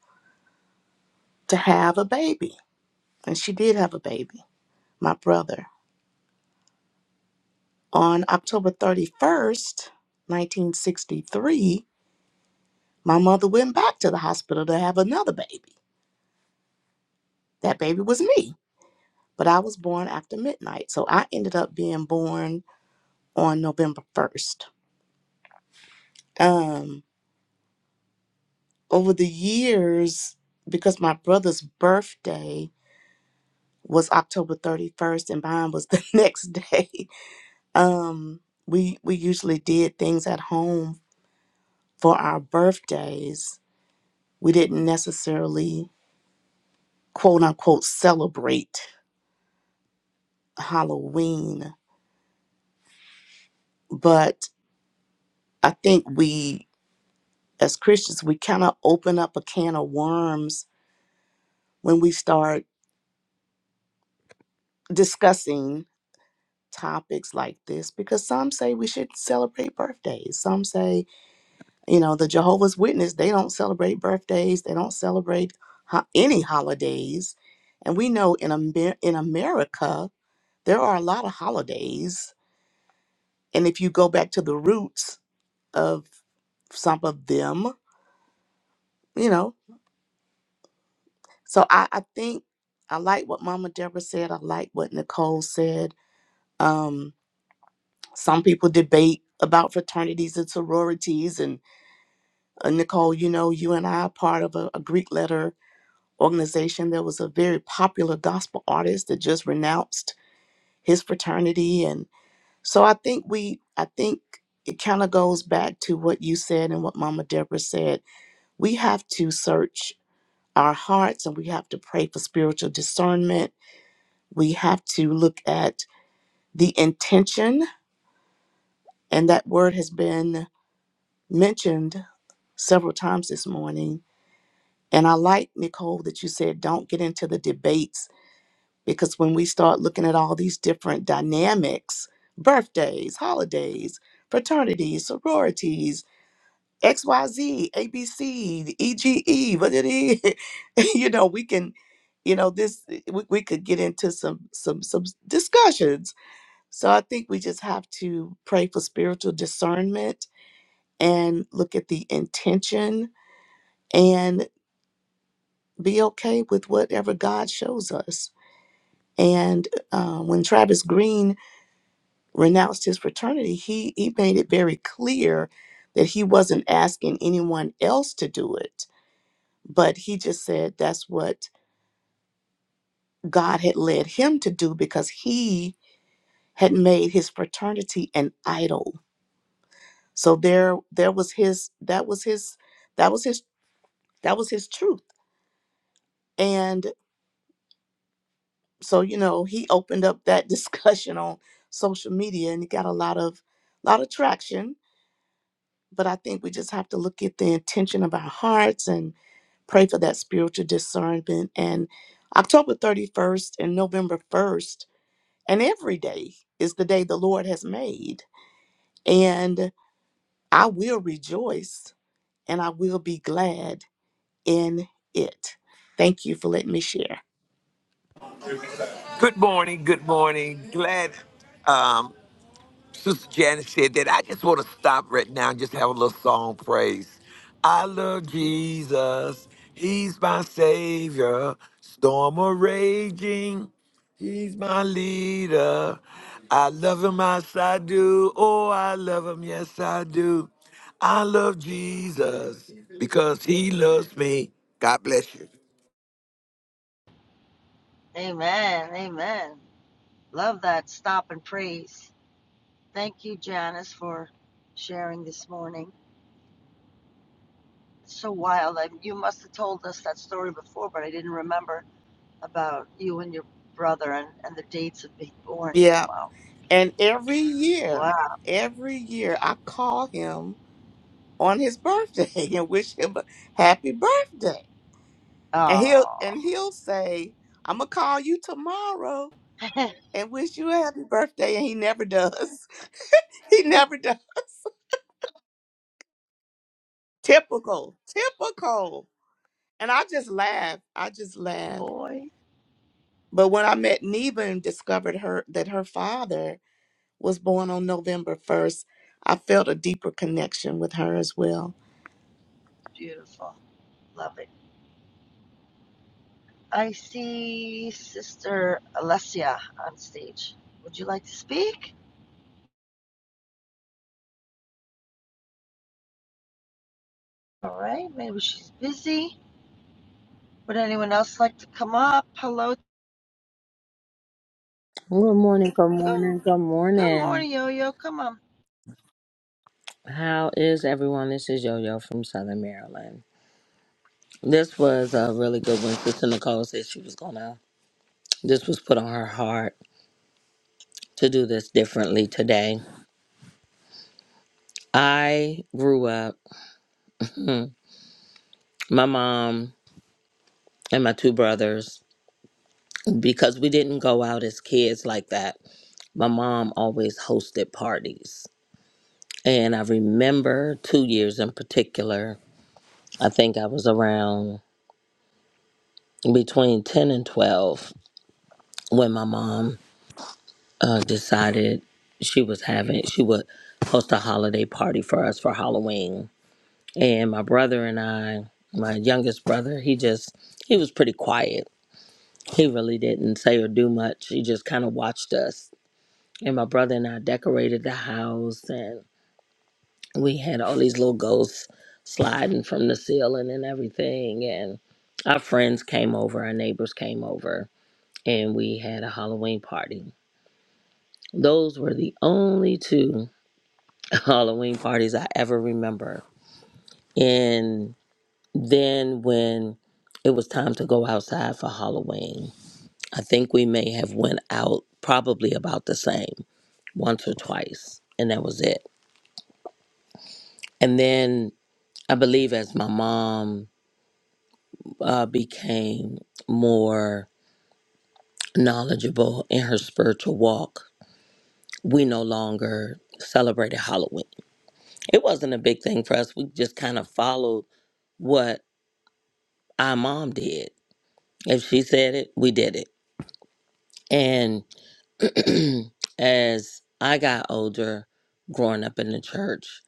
Speaker 6: to have a baby, and she did have a baby, my brother. On October 31st, 1963, my mother went back to the hospital to have another baby. That baby was me, but I was born after midnight. So I ended up being born on November 1st. Um, over the years, because my brother's birthday was October 31st and mine was the [laughs] next day, um, we, we usually did things at home for our birthdays. We didn't necessarily quote unquote celebrate Halloween, but I think we as Christians we kind of open up a can of worms when we start discussing topics like this because some say we should celebrate birthdays. Some say, you know, the Jehovah's Witness, they don't celebrate birthdays, they don't celebrate ho- any holidays. And we know in Amer- in America there are a lot of holidays, and if you go back to the roots of some of them, you know. So I, I think I like what Mama Deborah said. I like what Nicole said. Um, some people debate about fraternities and sororities. And uh, Nicole, you know, you and I are part of a, a Greek letter organization. There was a very popular gospel artist that just renounced his fraternity. And so I think we, I think it kind of goes back to what you said and what Mama Deborah said. We have to search our hearts and we have to pray for spiritual discernment. We have to look at the intention, and that word has been mentioned several times this morning. And I like, Nicole, that you said don't get into the debates because when we start looking at all these different dynamics birthdays, holidays, fraternities, sororities, X Y Z A B C E G E. ABC, what it is. [laughs] you know, we can, you know, this we, we could get into some some some discussions. So I think we just have to pray for spiritual discernment and look at the intention and be okay with whatever God shows us. And uh, when Travis Green renounced his fraternity, he he made it very clear that he wasn't asking anyone else to do it but he just said that's what God had led him to do because he had made his fraternity an idol. So there there was his that was his that was his that was his truth. And so you know, he opened up that [laughs] discussion on social media and he got a lot of lot of traction, but I think we just have to look at the intention of our hearts and pray for that spiritual discernment and October 31st and November 1st And every day is the day the Lord has made. And I will rejoice and I will be glad in it. Thank you for letting me share.
Speaker 4: Good morning. Good morning. Glad. Um, Sister Janice said that. I just want to stop right now and just have a little song praise. I love Jesus. He's my savior. Storm a raging. He's my leader. I love him as I do. Oh, I love him. Yes, I do. I love Jesus because he loves me. God bless you.
Speaker 2: Amen. Amen. Love that stop and praise. Thank you, Janice, for sharing this morning. It's so wild. I, you must have told us that story before, but I didn't remember about you and your brother and, and the dates of being born.
Speaker 6: Yeah.
Speaker 2: Wow.
Speaker 6: And every year,
Speaker 2: Wow.
Speaker 6: every year, I call him on his birthday [laughs] and wish him a happy birthday. And he'll and
Speaker 2: Oh,
Speaker 6: he'll say, I'm gonna call you tomorrow and wish you a happy birthday. And he never does. [laughs] He never does. Typical. Typical. And I just laugh. I just
Speaker 2: [laughs]
Speaker 6: laugh.
Speaker 2: boy.
Speaker 6: But when I met Neva and discovered her that her father was born on November 1st, I felt a deeper connection with her as well.
Speaker 2: Beautiful. Love it. I see Sister Alessia on stage. Would you like to speak? All right. Maybe she's busy. Would anyone else like to come up? Hello.
Speaker 7: Good morning, good
Speaker 2: Good,
Speaker 7: morning, good
Speaker 2: good
Speaker 7: morning.
Speaker 2: morning, Yo Yo. Come on.
Speaker 7: How is everyone? This is Yo Yo from Southern Maryland. This was a really good one. Sister Nicole said she was gonna, this was put on her heart to do this differently today. I grew up, hmm, my mom and my two brothers, because we didn't go out as kids like that, my mom always hosted parties. And I remember two years in particular, I think I was around between 10 and 12 when my mom uh, decided she was having she would host a holiday party for us for halloween and my brother and i my youngest brother he just he was pretty quiet he really didn't say or do much he just kind of watched us and my brother and i decorated the house and we had all these little ghosts sliding from the ceiling and everything and our friends came over our neighbors came over and we had a halloween party Those were the only two [laughs] Halloween parties I ever remember. And then when it was time to go outside for Halloween, I think we may have went out probably about the same, once or twice, and that was it. And then I believe as my mom uh, became more knowledgeable in her spiritual walk, we no longer celebrated Halloween. It wasn't a big thing for us. We just kind of followed what our mom did. If she said it, we did it. And [clears throat] as I got older, growing up in the church,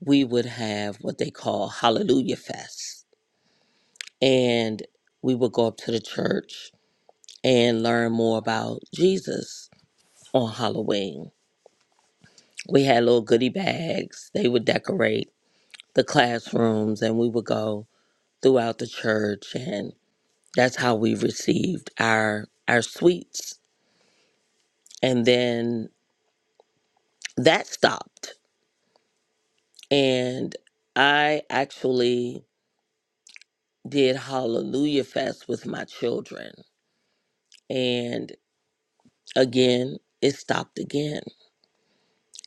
Speaker 7: we would have what they call Hallelujah Fest. And we would go up to the church and learn more about Jesus on Halloween. We had little goodie bags, they would decorate the classrooms, and we would go throughout the church. And that's how we received our, our sweets. And then that stopped and i actually did hallelujah fest with my children and again it stopped again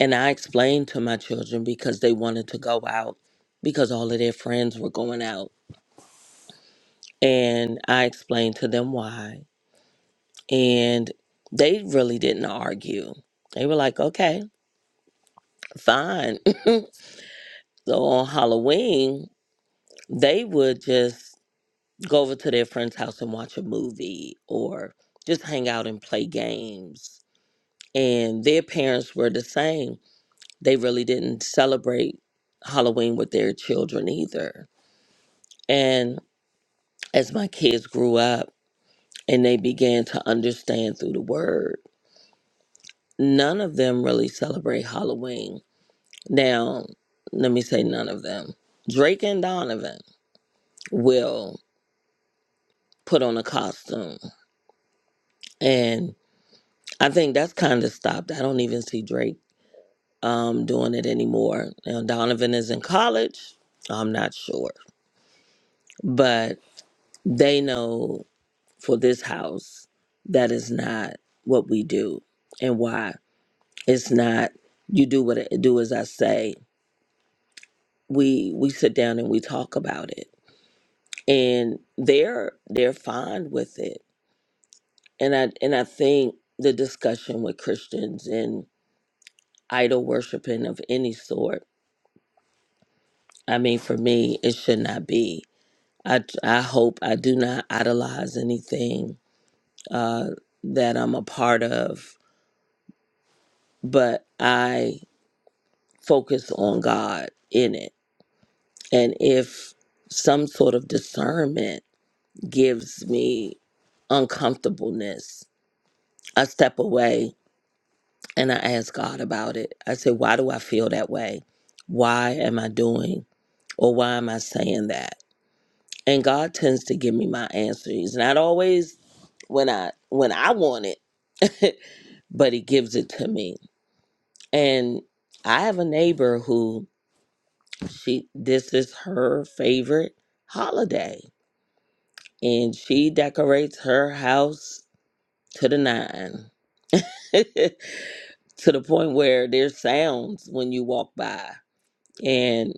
Speaker 7: and i explained to my children because they wanted to go out because all of their friends were going out and i explained to them why and they really didn't argue they were like okay fine [laughs] so on halloween they would just go over to their friend's house and watch a movie or just hang out and play games. And their parents were the same. They really didn't celebrate Halloween with their children either. And as my kids grew up and they began to understand through the word, none of them really celebrate Halloween. Now, let me say none of them. Drake and Donovan will put on a costume and I think that's kind of stopped. I don't even see Drake um, doing it anymore. Now, Donovan is in college. I'm not sure. But they know for this house, that is not what we do and why. It's not, you do what I do as I say. We we sit down and we talk about it. And they're they're fine with it. And I and I think the discussion with Christians and idol worshiping of any sort, I mean for me, it should not be. I, I hope I do not idolize anything uh, that I'm a part of, but I focus on God in it. And if some sort of discernment gives me uncomfortableness, I step away and I ask God about it. I say, Why do I feel that way? Why am I doing or why am I saying that? And God tends to give me my answer. He's not always when I when I want it. [laughs] but he gives it to me. And I have a neighbor who she this is her favorite holiday and she decorates her house to the nine. [laughs] to the point where there's sounds when you walk by and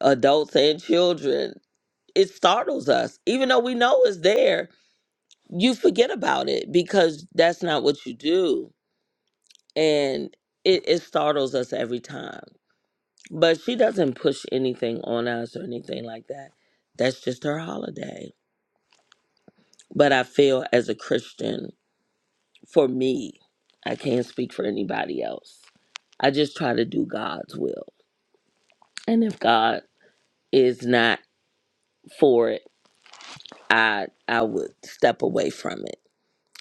Speaker 7: adults and children it startles us even though we know it's there you forget about it because that's not what you do and it, it startles us every time But she doesn't push anything on us or anything like that. That's just her holiday. But I feel as a Christian, for me, I can't speak for anybody else. I just try to do God's will. And if God is not for it, I I would step away from it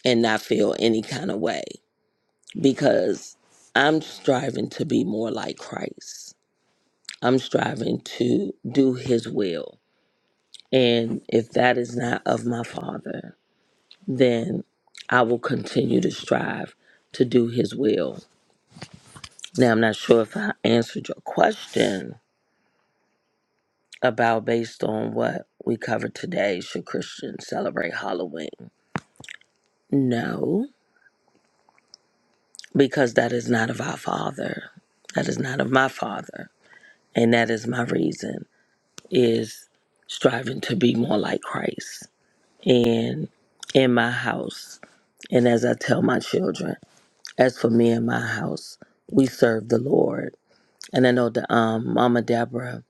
Speaker 7: and not feel any kind of way because I'm striving to be more like Christ. I'm striving to do his will. And if that is not of my father, then I will continue to strive to do His will. Now, I'm not sure if I answered your question about based on what we covered today should Christians celebrate Halloween? No, because that is not of our Father. That is not of my Father. And that is my reason is striving to be more like Christ. And in my house, and as I tell my children, as for me and my house, we serve the Lord And I know the um, Mama Deborah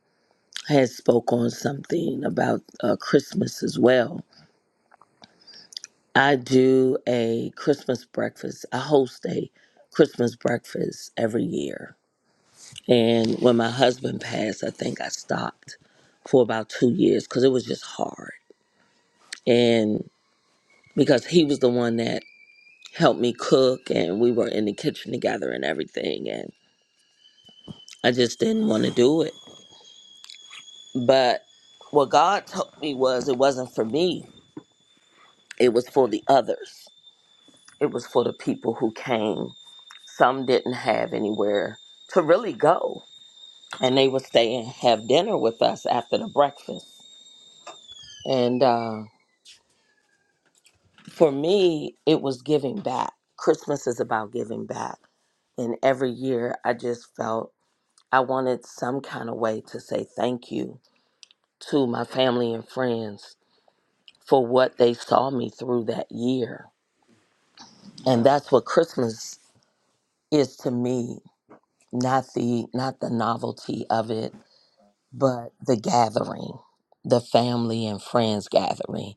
Speaker 7: has spoke on something about uh, Christmas as well. I do a Christmas breakfast. I host a Christmas breakfast every year. And when my husband passed, I think I stopped for about two years because it was just hard. And because he was the one that helped me cook and we were in the kitchen together and everything. And I just didn't want to do it. But what God told me was it wasn't for me It was for the others, it was for the people who came. Some didn't have anywhere to really go, and they would stay and have dinner with us after the breakfast. And uh, for me, it was giving back. Christmas is about giving back. And every year, I just felt I wanted some kind of way to say thank you to my family and friends for what they saw me through that year. And that's what Christmas is to me. not the not the novelty of it but the gathering the family and friends gathering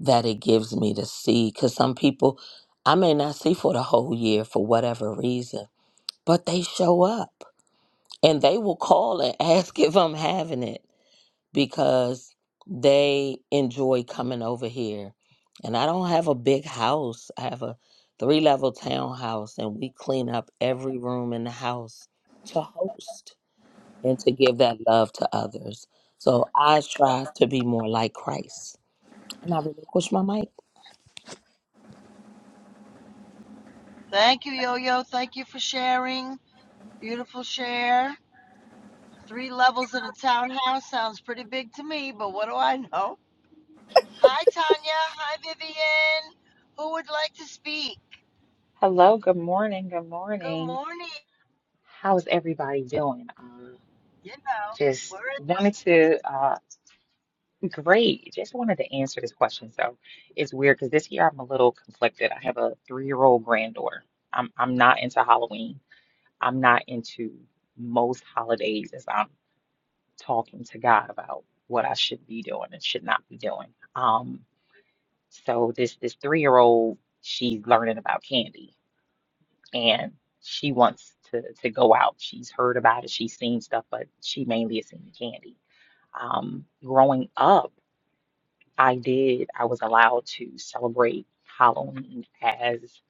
Speaker 7: that it gives me to see because some people i may not see for the whole year for whatever reason but they show up and they will call and [laughs] ask if i'm having it because they enjoy coming over here and i don't have a big house i have a three level townhouse and we clean up every room in the house to host and to give that love to others. So I strive to be more like Christ. And I relinquish my mic.
Speaker 2: Thank you, Yo Yo. Thank you for sharing. Beautiful share. Three levels in a townhouse sounds pretty big to me, but what do I know? Hi, Tanya. Hi, Vivian. Who would like to speak?
Speaker 8: Hello, good morning, good
Speaker 2: Good
Speaker 8: morning.
Speaker 2: morning.
Speaker 8: How's everybody doing? Uh,
Speaker 2: You know, we're
Speaker 8: just
Speaker 2: in this.
Speaker 8: wanted to, uh, great. Just wanted to answer this question. So it's weird because this year I'm a little conflicted. I have a three-year-old granddaughter. I'm I'm not into Halloween. I'm not into most holidays as I'm talking to God about what I should be doing and should not be doing. Um, so this this three-year-old, she's learning about candy. and she wants to to go out. She's heard about it, she's seen stuff, but she mainly has seen the candy. Um, growing up, I did, I was allowed to celebrate Halloween as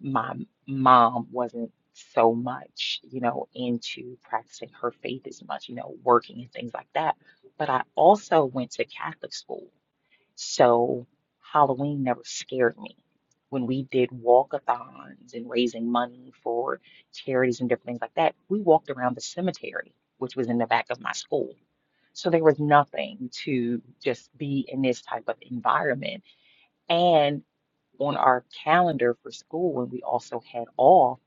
Speaker 8: my mom wasn't so much, you know, into practicing her faith as much, you know, working and things like that. But I also went to Catholic school. So Halloween never scared me. When we did walkathons and raising money for charities and different things like that, we walked around the cemetery, which was in the back of my school. So there was nothing to just be in this type of environment. And on our calendar for school, and we also had off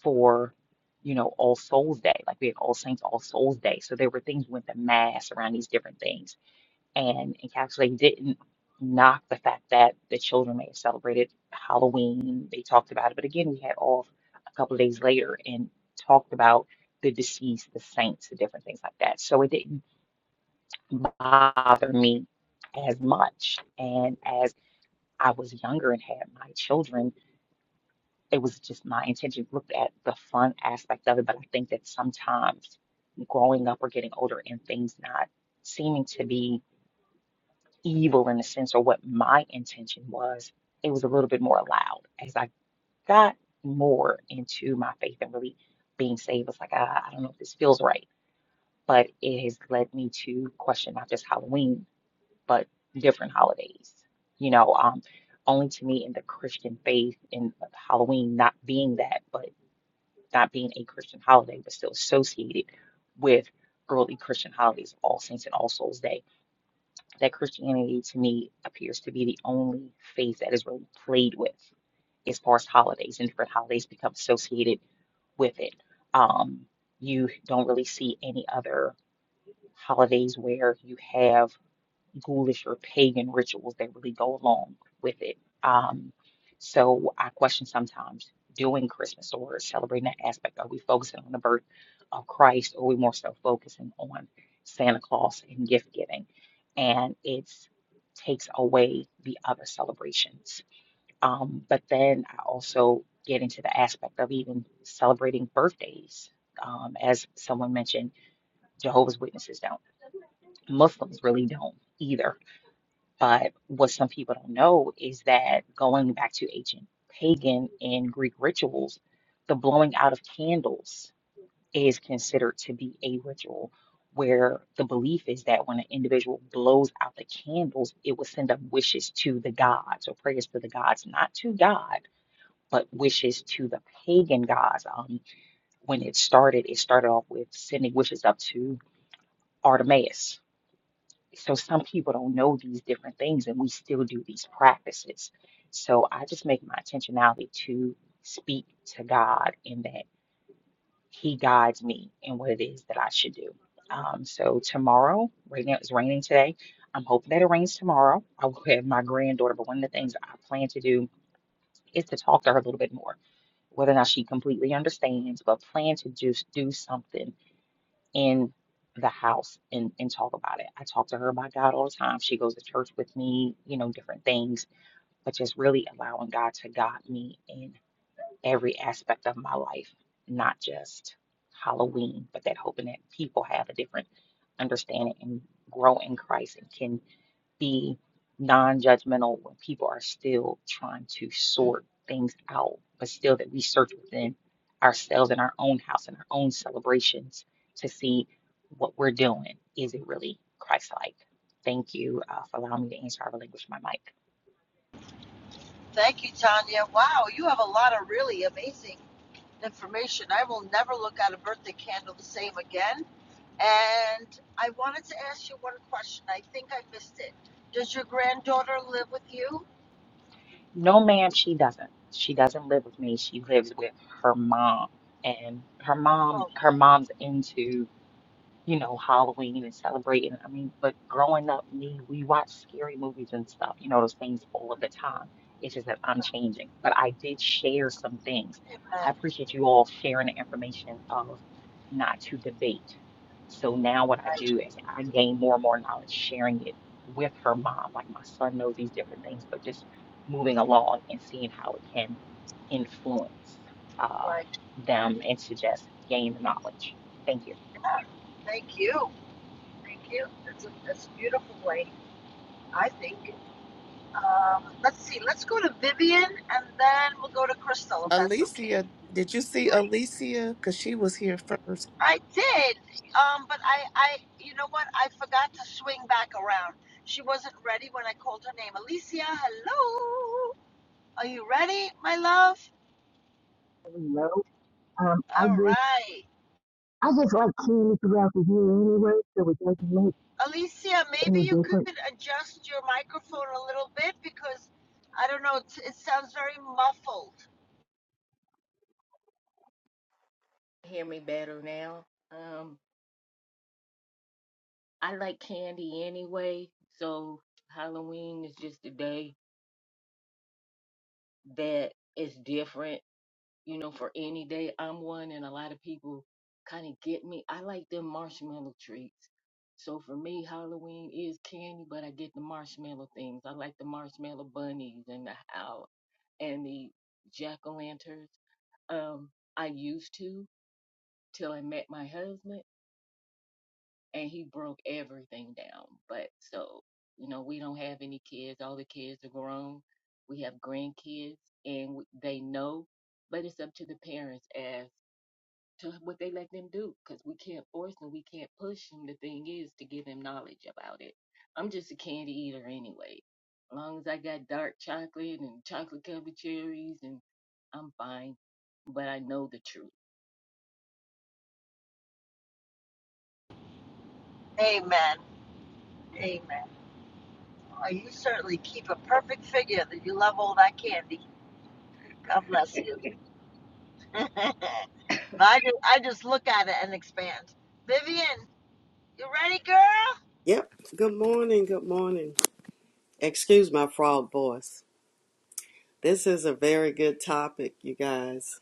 Speaker 8: for, you know, All Souls Day. Like we had All Saints, All Souls Day. So there were things we went to mass around these different things and it actually didn't knock the fact that the children may have celebrated Halloween. They talked about it, but again, we had off a couple of days later and talked about the deceased, the saints, the different things like that. So it didn't bother me as much. And as I was younger and had my children, it was just my intention looked at the fun aspect of it. But I think that sometimes growing up or getting older and things not seeming to be evil in a sense or what my intention was, it was a little bit more allowed. As I got more into my faith and really being saved, it was like, ah, I don't know if this feels right. But it has led me to question not just Halloween, but different holidays. You know, um, only to me in the Christian faith and Halloween not being that, but not being a Christian holiday, but still associated with early Christian holidays, All Saints and All Souls Day that Christianity to me appears to be the only faith that is really played with as far as holidays and different holidays become associated with it. Um, you don't really see any other holidays where you have ghoulish or pagan rituals that really go along with it. Um, so I question sometimes doing Christmas or celebrating that aspect. Are we focusing on the birth of Christ or are we more so focusing on Santa Claus and gift giving? And it's takes away the other celebrations. Um, but then I also get into the aspect of even celebrating birthdays. Um, as someone mentioned, Jehovah's Witnesses don't. Muslims really don't either but what some people don't know is that going back to ancient pagan and Greek rituals, the blowing out of candles is considered to be a ritual where the belief is that when an individual blows out the candles, it will send up wishes to the gods or prayers to the gods, not to God, but wishes to the pagan gods. Um, when it started, it started off with sending wishes up to Artemis so some people don't know these different things and we still do these practices. So I just make my intentionality to speak to God in that He guides me in what it is that I should do. Um, so tomorrow, right now it's raining today. I'm hoping that it rains tomorrow. I will have my granddaughter, but one of the things I plan to do is to talk to her a little bit more, whether or not she completely understands, but plan to just do something in the house and, and talk about it. I talk to her about God all the time. She goes to church with me, you know, different things, but just really allowing God to guide me in every aspect of my life, not just Halloween, but that hoping that people have a different understanding and grow in Christ and can be non-judgmental when people are still trying to sort things out, but still that we search within ourselves in our own house and our own celebrations to see what we're doing. Is it really Christ-like? Thank you uh, for allowing me to answer. I relinquish my mic.
Speaker 2: Thank you, Tanya. Wow, you have a lot of really amazing information. I will never look at a birthday candle the same again. And I wanted to ask you one question. I think I missed it. Does your granddaughter live with you?
Speaker 8: No, ma'am, she doesn't. She doesn't live with me. She lives with her mom, and her mom, her
Speaker 2: Okay.
Speaker 8: mom's into you know, Halloween and celebrating. I mean, but growing up, me, we watched scary movies and stuff, you know, those things all of the time. It's just that I'm changing. But I did share some things. I
Speaker 2: Amen.
Speaker 8: appreciate you all sharing the information of not to debate. So now what I
Speaker 2: Right,
Speaker 8: do is I gain more and more knowledge sharing it with her mom. Like my son knows these different things, but just moving along and seeing how it can influence uh,
Speaker 2: right.
Speaker 8: them and to just gain the knowledge. Thank you.
Speaker 2: Yeah. Thank you. Thank you. That's a, that's a beautiful way, I think. Um, let's see. Let's go to Vivian, and then we'll go to Crystal, if that's okay.
Speaker 6: Alicia, did you see
Speaker 2: I
Speaker 6: Alicia? Because she was here first.
Speaker 2: I did, um, but I, I, you know what? I forgot to swing back around. She wasn't ready when I called her name. Alicia, hello. Are you ready, my love?
Speaker 9: No, um, I
Speaker 2: All
Speaker 9: just
Speaker 2: right.
Speaker 9: I just like candy throughout the year anyway, so it doesn't make
Speaker 2: Alicia, maybe
Speaker 9: any
Speaker 2: you
Speaker 9: difference.
Speaker 2: could adjust your microphone a little bit because I don't know, it, it sounds very muffled.
Speaker 9: Hear me better now. Um, I like candy anyway, so Halloween is just a day that is different. you know, for any day. I'm one, and a lot of people kind of get me. I like them marshmallow treats. So for me, Halloween is candy, but I get the marshmallow things. I like the marshmallow bunnies and the owl and the jack o' lanterns. Um, I used to till I met my husband, and he broke everything down. But so, you know, we don't have any kids. All the kids are grown. We have grandkids, and w- they know. But it's up to the parents as to what they let them do because we can't force them, we can't push them. The thing is to give them knowledge about it. I'm just a candy eater anyway. As long as I got dark chocolate and chocolate covered cherries and I'm fine. But I know the truth.
Speaker 2: Amen. Amen. Well, you certainly keep a perfect figure that you love all that candy. God bless you. [laughs] but I just, I just look at it and expand. Vivian, you ready, girl?
Speaker 10: Yep. Good morning. Good morning. Excuse my frog voice. This is a very good topic, you guys.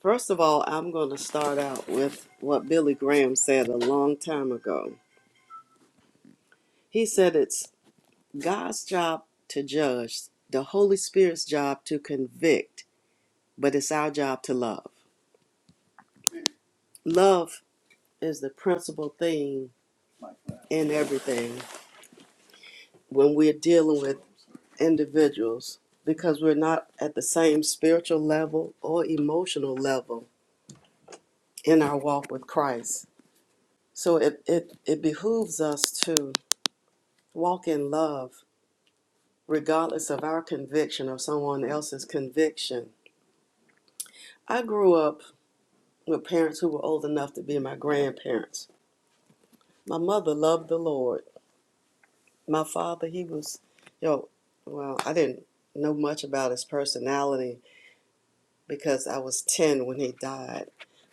Speaker 10: First of all, I'm going to start out with what Billy Graham said a long time ago. He said it's God's job to judge, the Holy Spirit's job to convict, but it's our job to love. Love is the principal thing in everything when we're dealing with individuals because we're not at the same spiritual level or emotional level in our walk with Christ. So it, it, it behooves us to walk in love regardless of our conviction or someone else's conviction. I grew up with parents who were old enough to be my grandparents. My mother loved the Lord. My father, he was, you know, well, I didn't know much about his personality because I was 10 when he died.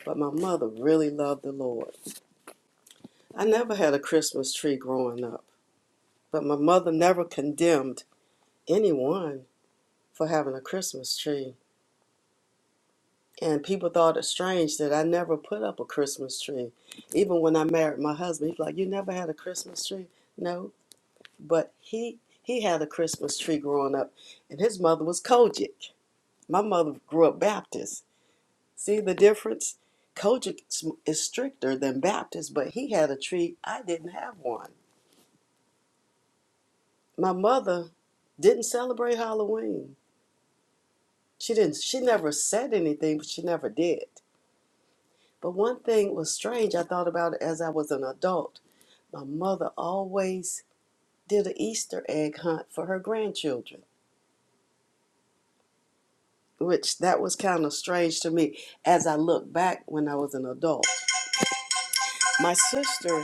Speaker 10: But my mother really loved the Lord. I never had a Christmas tree growing up, but my mother never condemned anyone for having a Christmas tree. And people thought it strange that I never put up a Christmas tree. Even when I married my husband, he's like, You never had a Christmas tree? No. But he he had a Christmas tree growing up, and his mother was Kojic. My mother grew up Baptist, See the difference? Kojic is is stricter than Baptist, but he had a tree. I didn't have one. My mother didn't celebrate Halloween. She didn't. She never said anything, but she never did. But one thing was strange. I thought about it as I was an adult. My mother always did an Easter egg hunt for her grandchildren, which that was kind of strange to me as I look back when I was an adult. My sister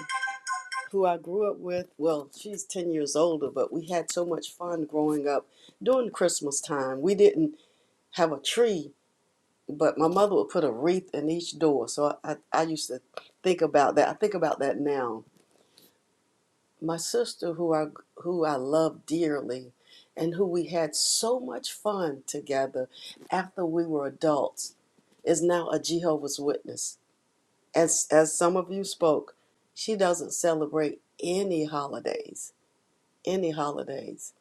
Speaker 10: who I grew up with. Well, she's 10 years older, but we had so much fun growing up during Christmas time. We didn't have a tree, but my mother would put a wreath in each door. So I, I, I used to think about that. I think about that now. My sister, who I, who I love dearly, and who we had so much fun together after we were adults, is now a Jehovah's Witness. As, as some of you spoke, she doesn't celebrate any holidays any holidays.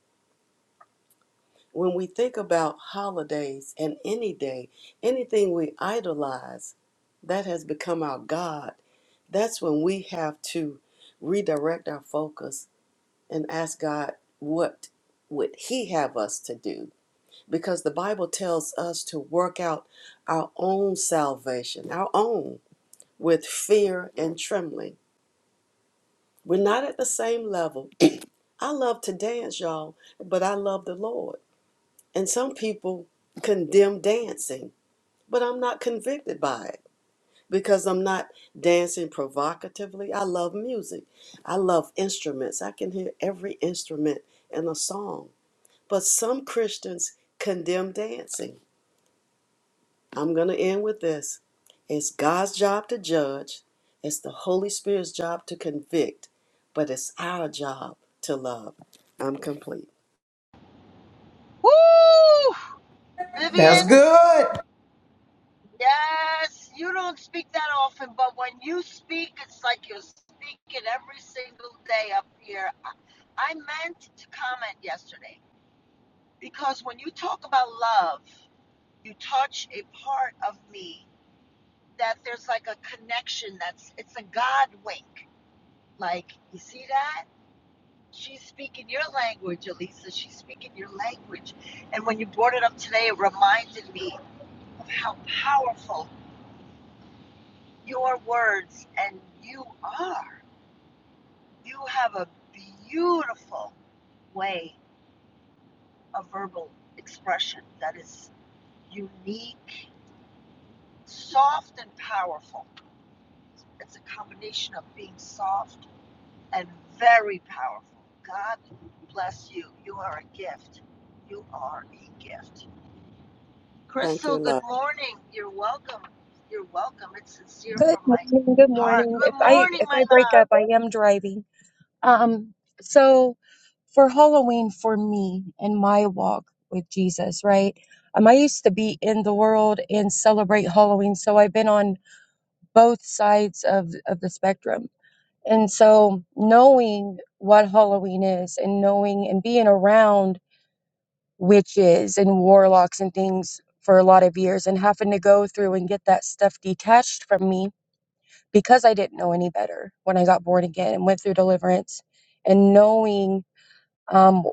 Speaker 10: When we think about holidays and any day, anything we idolize, that has become our God. That's when we have to redirect our focus and ask God, what would He have us to do? Because the Bible tells us to work out our own salvation, our own, with fear and trembling. We're not at the same level. I love to dance, y'all, but I love the Lord. And some people condemn dancing, but I'm not convicted by it because I'm not dancing provocatively. I love music, I love instruments. I can hear every instrument in a song. But some Christians condemn dancing. I'm going to end with this it's God's job to judge, it's the Holy Spirit's job to convict, but it's our job to love. I'm complete.
Speaker 2: Woo!
Speaker 1: That's
Speaker 2: Vivian,
Speaker 1: good.
Speaker 2: yes, you don't speak that often, but when you speak, it's like you're speaking every single day up here. I I meant to comment yesterday because when you talk about love, you touch a part of me that there's like a connection that's, it's a God wink. Like, you see that? She's speaking your language, Elisa. She's speaking your language. And when you brought it up today, it reminded me of how powerful your words and you are. You have a beautiful way of verbal expression that is unique, soft, and powerful. It's a combination of being soft and very powerful. God bless you. You are a gift. You are a gift.
Speaker 10: Thank you,
Speaker 2: Crystal, good
Speaker 10: love.
Speaker 2: morning. You're welcome. You're welcome. It's sincere
Speaker 11: Good
Speaker 2: from my
Speaker 11: morning. Good
Speaker 2: heart.
Speaker 11: morning. If
Speaker 2: Good
Speaker 11: I
Speaker 2: morning,
Speaker 11: if
Speaker 2: my
Speaker 11: I break
Speaker 2: love.
Speaker 11: up, I am driving. Um, so for Halloween for me and my walk with Jesus, right? Um, I used to be in the world and celebrate Halloween, so I've been on both sides of of the spectrum. And so knowing what Halloween is and knowing and being around witches and warlocks and things for a lot of years and having to go through and get that stuff detached from me because I didn't know any better when I got born again and went through deliverance and knowing um,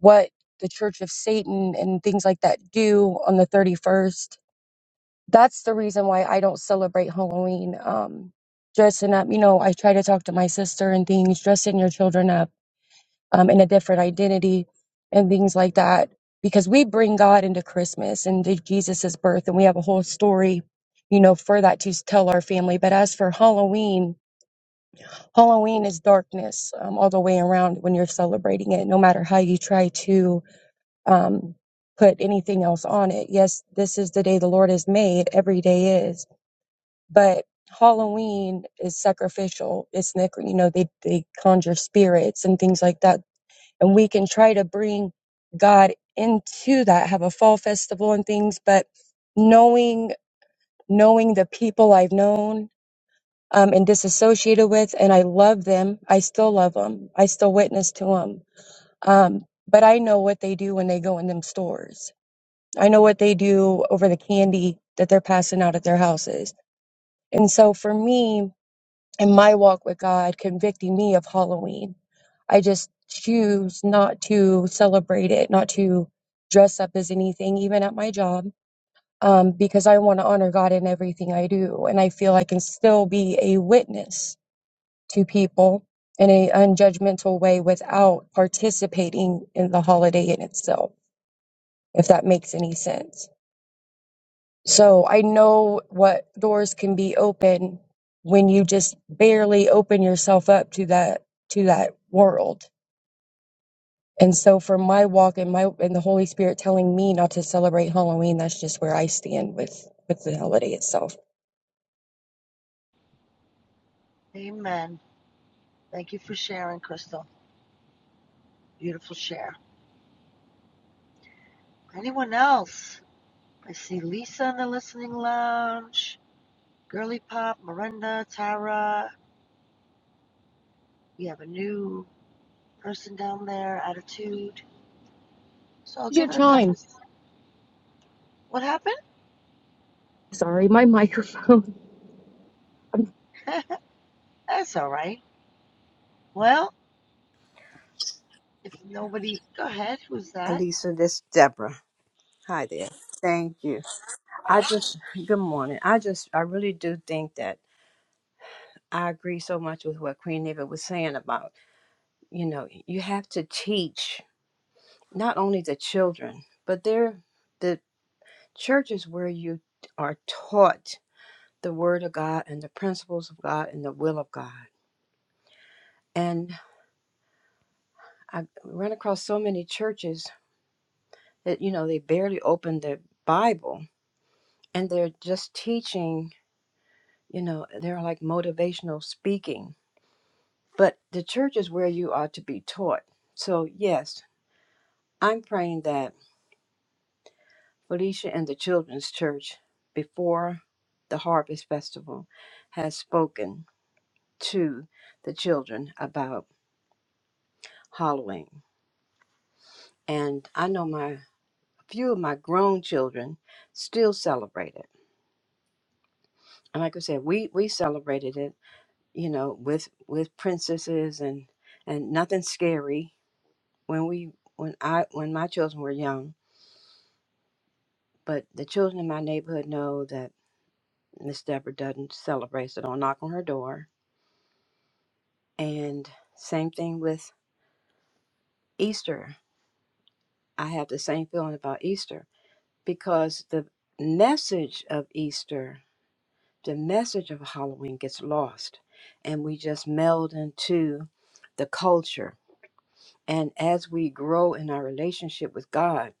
Speaker 11: what the Church of Satan and things like that do on the 31st. That's the reason why I don't celebrate Halloween. Um, dressing up, you know, I try to talk to my sister and things, dressing your children up um, in a different identity and things like that. Because we bring God into Christmas and to Jesus's birth, and we have a whole story, you know, for that to tell our family. But as for Halloween, Halloween is darkness um, all the way around when you're celebrating it, no matter how you try to um, put anything else on it. Yes, this is the day the Lord has made, every day is, but Halloween is sacrificial. It's, nic- you know, they, they conjure spirits and things like that. And we can try to bring God into that, have a fall festival and things, but knowing, knowing the people I've known um, and disassociated with, and I love them. I still love them. I still witness to them. Um, but I know what they do when they go in them stores. I know what they do over the candy that they're passing out at their houses. And so for me, in my walk with God, convicting me of Halloween, I just choose not to celebrate it, not to dress up as anything, even at my job, um, because I want to honor God in everything I do. And I feel I can still be a witness to people in a unjudgmental way without participating in the holiday in itself, if that makes any sense. So I know what doors can be open when you just barely open yourself up to that to that world. And so for my walk and my and the Holy Spirit telling me not to celebrate Halloween, that's just where I stand with with the holiday itself.
Speaker 2: Amen. Thank you for sharing, Crystal. Beautiful share. Anyone else? I see Lisa in the listening lounge, Girly Pop, Miranda, Tara. We have a new person down there, Attitude. So I'll
Speaker 11: Here's your
Speaker 2: give it a couple.
Speaker 11: chime.
Speaker 2: What happened?
Speaker 11: Sorry, my microphone. [laughs] I'm
Speaker 2: [laughs] That's all right. Well, if nobody, go ahead. Who's that?
Speaker 3: Alisa, this is Deborah. Hi there. Thank you. I just good morning. I just I really do think that I agree so much with what Queen Eva was saying about, you know, you have to teach not only the children, but they're the churches where you are taught the Word of God and the principles of God and the will of God. And I run across so many churches that, you know, they barely open the Bible and they're just teaching, you know, they're like motivational speaking. But the church is where you are to be taught. So, yes, I'm praying that Felicia and the children's church before the Harvest Festival has spoken to the children about Halloween. And I know my a few of my grown children still celebrate it. And like I said, we we celebrated it, you know, with with princesses and and nothing scary when we when I when my children were young. But the children in my neighborhood know that Miss Deborah doesn't celebrate, so don't knock on her door. And same thing with Easter. I have the same feeling about Easter because the message of Easter, the message of Halloween gets lost and we just meld into the culture. And as we grow in our relationship with God,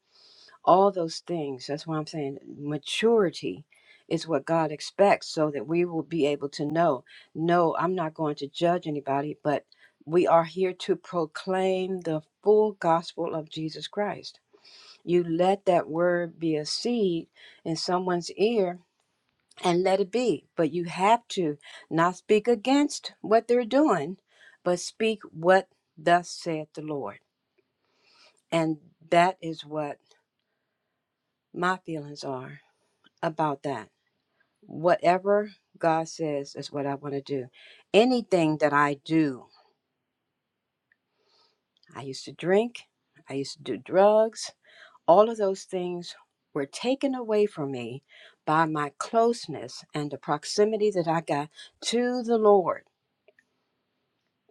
Speaker 3: all those things, that's why I'm saying maturity is what God expects so that we will be able to know no, I'm not going to judge anybody, but we are here to proclaim the full gospel of Jesus Christ you let that word be a seed in someone's ear and let it be. But you have to not speak against what they're doing, but speak what thus saith the Lord. And that is what my feelings are about that. Whatever God says is what I want to do. Anything that I do, I used to drink, I used to do drugs, All of those things were taken away from me by my closeness and the proximity that I got to the Lord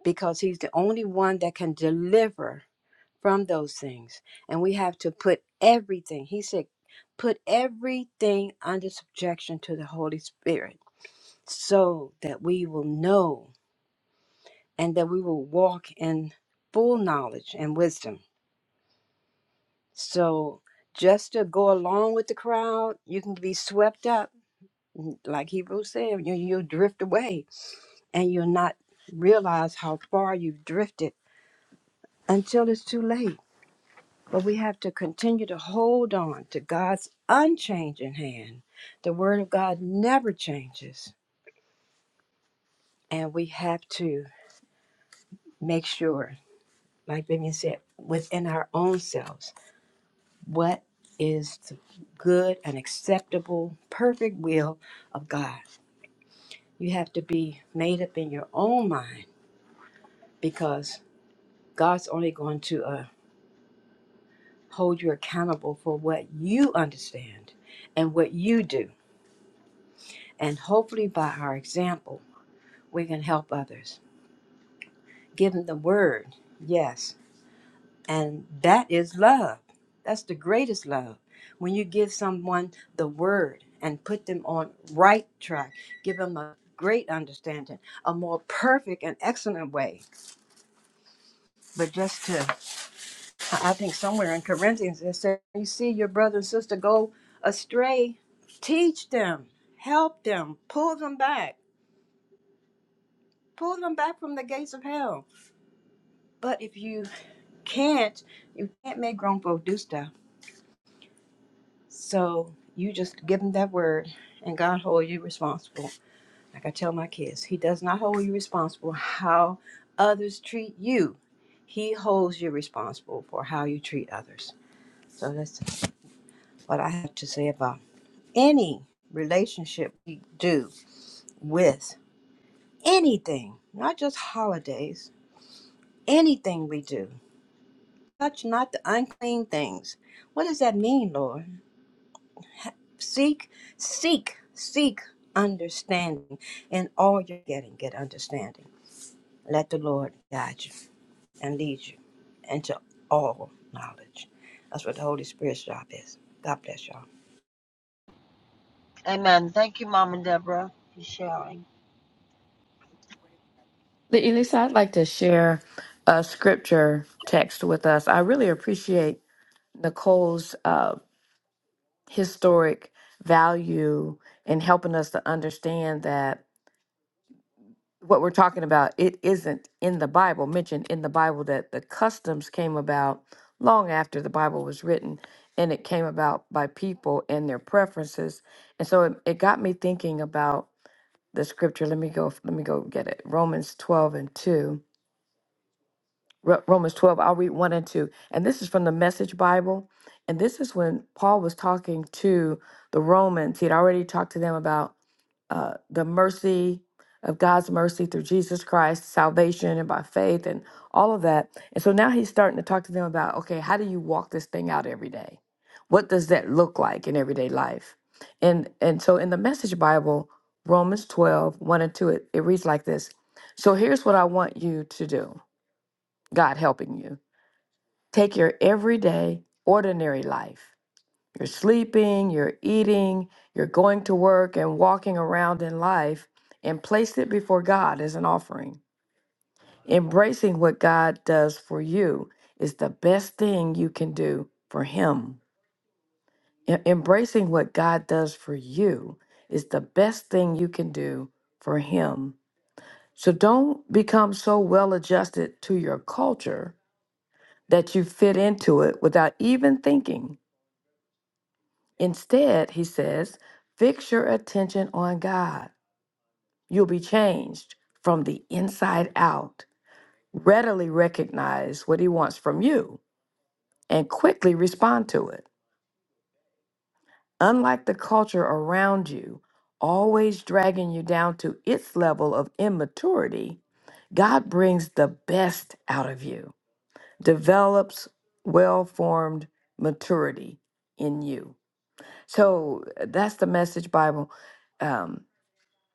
Speaker 3: because He's the only one that can deliver from those things. And we have to put everything, He said, put everything under subjection to the Holy Spirit so that we will know and that we will walk in full knowledge and wisdom. So just to go along with the crowd, you can be swept up like Hebrews said, you you drift away and you'll not realize how far you've drifted until it's too late. But we have to continue to hold on to God's unchanging hand. The Word of God never changes. And we have to make sure, like Vivian said, within our own selves, what is the good and acceptable, perfect will of God. You have to be made up in your own mind because God's only going to uh, hold you accountable for what you understand and what you do. And hopefully, by our example, we can help others. Give them the word, yes. And that is love. That's the greatest love. When you give someone the word and put them on right track, give them a great understanding, a more perfect and excellent way. But just to I think somewhere in Corinthians it says, "You see your brother and sister go astray, teach them, help them, pull them back, pull them back from the gates of hell." But if you can't, you can't make grown folk do stuff. So you just give them that word, and God hold you responsible. Like I tell my kids, He does not hold you responsible how others treat you. He holds you responsible for how you treat others. So that's what I have to say about any relationship we do with anything, not just holidays, anything we do, touch not the unclean things. What does that mean, Lord? Seek, seek, seek understanding. In all you're getting, get understanding. Let the Lord guide you and lead you into all knowledge. That's what the Holy Spirit's job is. God bless y'all.
Speaker 2: Amen. Thank you, Mom and Deborah, for sharing.
Speaker 5: But Elisa, I'd like to share a scripture text with us. I really appreciate Nicole's uh, historic value in helping us to understand that what we're talking about, it isn't in the Bible, mentioned in the Bible that the customs came about long after the Bible was written and it came about by people and their preferences. And so it, it got me thinking about the scripture. Let me go let me go get it. Romans 12 and 2. Ro- Romans 12, I'll read 1 and 2. And this is from the Message Bible. And this is when Paul was talking to the Romans. He'd already talked to them about uh, the mercy of God's mercy through Jesus Christ, salvation and by faith and all of that. And so now he's starting to talk to them about, okay, how do you walk this thing out every day? What does that look like in everyday life? And and so in the message Bible, Romans twelve one and 2, it, it reads like this. So here's what I want you to do, God helping you. Take your everyday, ordinary life you're sleeping, you're eating, you're going to work and walking around in life, and place it before God as an offering. Embracing what God does for you is the best thing you can do for Him. E- Embracing what God does for you is the best thing you can do for Him. So don't become so well adjusted to your culture that you fit into it without even thinking. Instead, he says, fix your attention on God. You'll be changed from the inside out. Readily recognize what he wants from you and quickly respond to it. Unlike the culture around you, always dragging you down to its level of immaturity, God brings the best out of you, develops well formed maturity in you. So that's the message Bible. Um,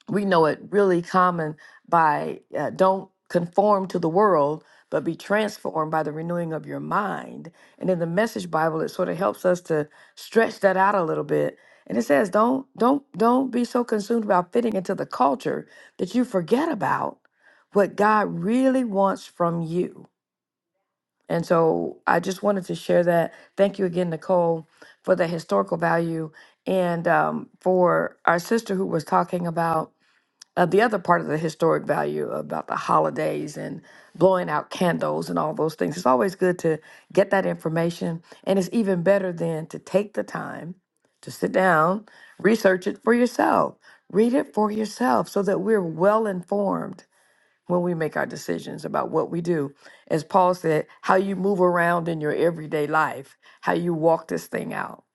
Speaker 5: we know it really common by uh, don't conform to the world but be transformed by the renewing of your mind and in the message bible it sort of helps us to stretch that out a little bit and it says don't don't don't be so consumed about fitting into the culture that you forget about what god really wants from you and so i just wanted to share that thank you again nicole for the historical value and um, for our sister who was talking about uh, the other part of the historic value about the holidays and blowing out candles and all those things, it's always good to get that information. And it's even better then to take the time to sit down, research it for yourself, read it for yourself so that we're well informed when we make our decisions about what we do. As Paul said, how you move around in your everyday life, how you walk this thing out.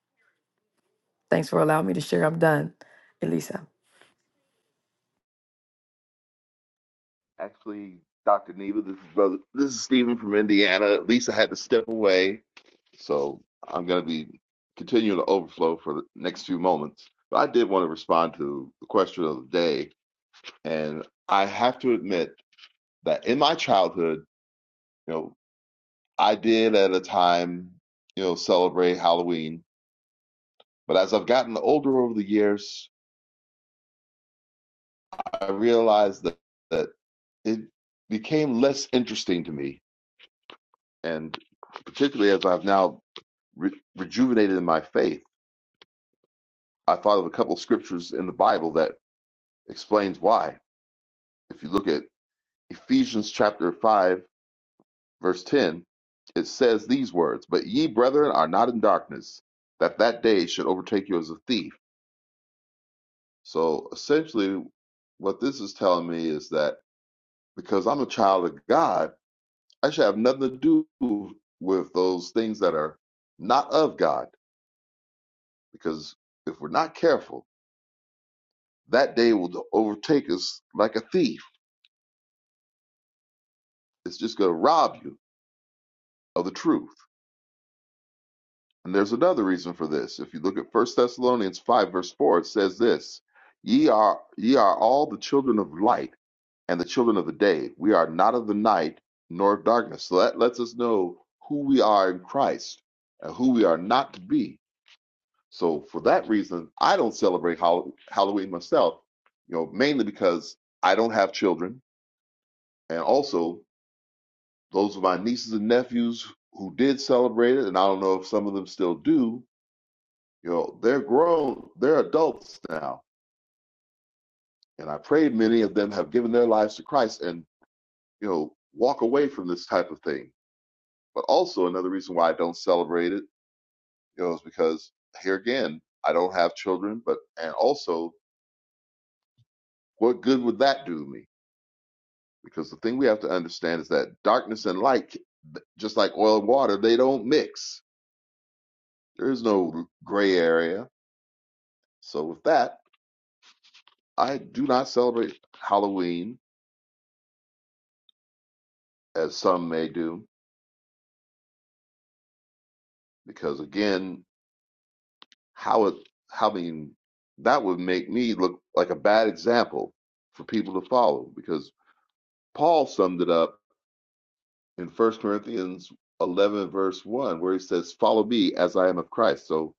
Speaker 5: Thanks for allowing me to share. I'm done, Elisa.
Speaker 12: Actually, Dr. Neva, this is brother. This is Stephen from Indiana. At least I had to step away, so I'm going to be continuing the overflow for the next few moments. But I did want to respond to the question of the day, and I have to admit that in my childhood, you know, I did at a time, you know, celebrate Halloween. But as I've gotten older over the years, I realized that that it became less interesting to me, and particularly as I've now re- rejuvenated in my faith. I thought of a couple of scriptures in the Bible that explains why. If you look at Ephesians chapter 5 verse 10, it says these words, "But ye brethren are not in darkness, that that day should overtake you as a thief." So essentially what this is telling me is that because I'm a child of God, I should have nothing to do with those things that are not of God because if we're not careful, that day will overtake us like a thief It's just going to rob you of the truth. And there's another reason for this. If you look at First Thessalonians 5, verse 4, it says this Ye are, ye are all the children of light and the children of the day. We are not of the night nor of darkness. So that lets us know who we are in Christ and who we are not to be. So for that reason, I don't celebrate Hall- Halloween myself, you know, mainly because I don't have children. And also, those of my nieces and nephews who did celebrate it, and I don't know if some of them still do, you know, they're grown, they're adults now. And I pray many of them have given their lives to Christ and, you know, walk away from this type of thing. But also another reason why I don't celebrate it, you know, is because here again, I don't have children, but and also what good would that do me? Because the thing we have to understand is that darkness and light, just like oil and water, they don't mix. There is no gray area So with that, I do not celebrate Halloween as some may do, because again, how it, how mean, that would make me look like a bad example for people to follow. Because Paul summed it up in First Corinthians 11 verse 1, where he says, "Follow me as I am of Christ." So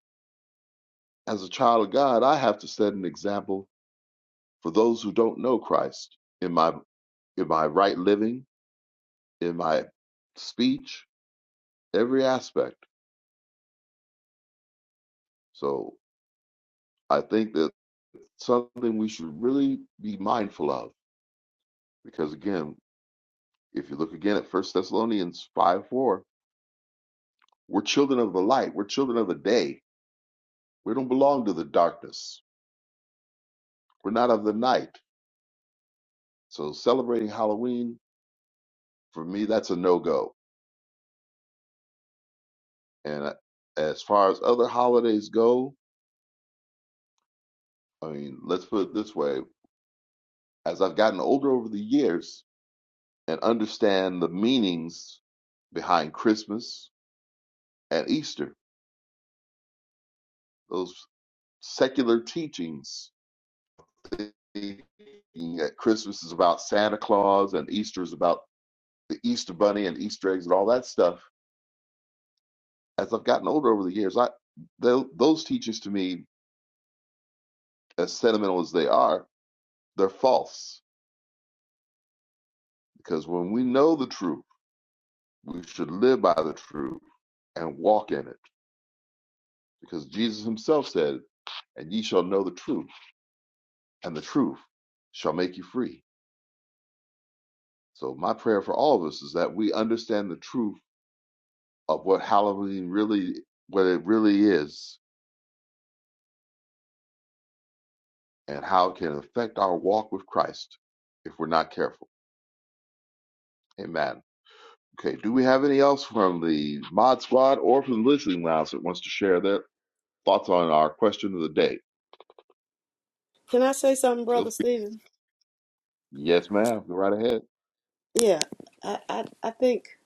Speaker 12: as a child of God, I have to set an example for those who don't know Christ in my in my right living, in my speech, every aspect. So. I think that something we should really be mindful of, because again, if you look again at First Thessalonians five four, we're children of the light, we're children of the day. We don't belong to the darkness. We're not of the night. So celebrating Halloween for me, that's a no go. And I- as far as other holidays go, I mean, let's put it this way: as I've gotten older over the years and understand the meanings behind Christmas and Easter. Those secular teachings thinking that Christmas is about Santa Claus and Easter is about the Easter Bunny and Easter eggs and all that stuff. As I've gotten older over the years, I tho- those teachings to me, as sentimental as they are, they're false because when we know the truth, we should live by the truth and walk in it. Because Jesus Himself said, "And ye shall know the truth, and the truth shall make you free." So my prayer for all of us is that we understand the truth of what Halloween really, what it really is, and how it can affect our walk with Christ if we're not careful. Amen. Okay. Do we have any else from the Mod Squad or from the Listening Lounge that wants to share their thoughts on our question of the day?
Speaker 10: Can I say something,
Speaker 12: Feel
Speaker 10: Brother
Speaker 12: free.
Speaker 10: Stephen?
Speaker 12: Yes, ma'am. Go right ahead.
Speaker 10: Yeah, I, I, I think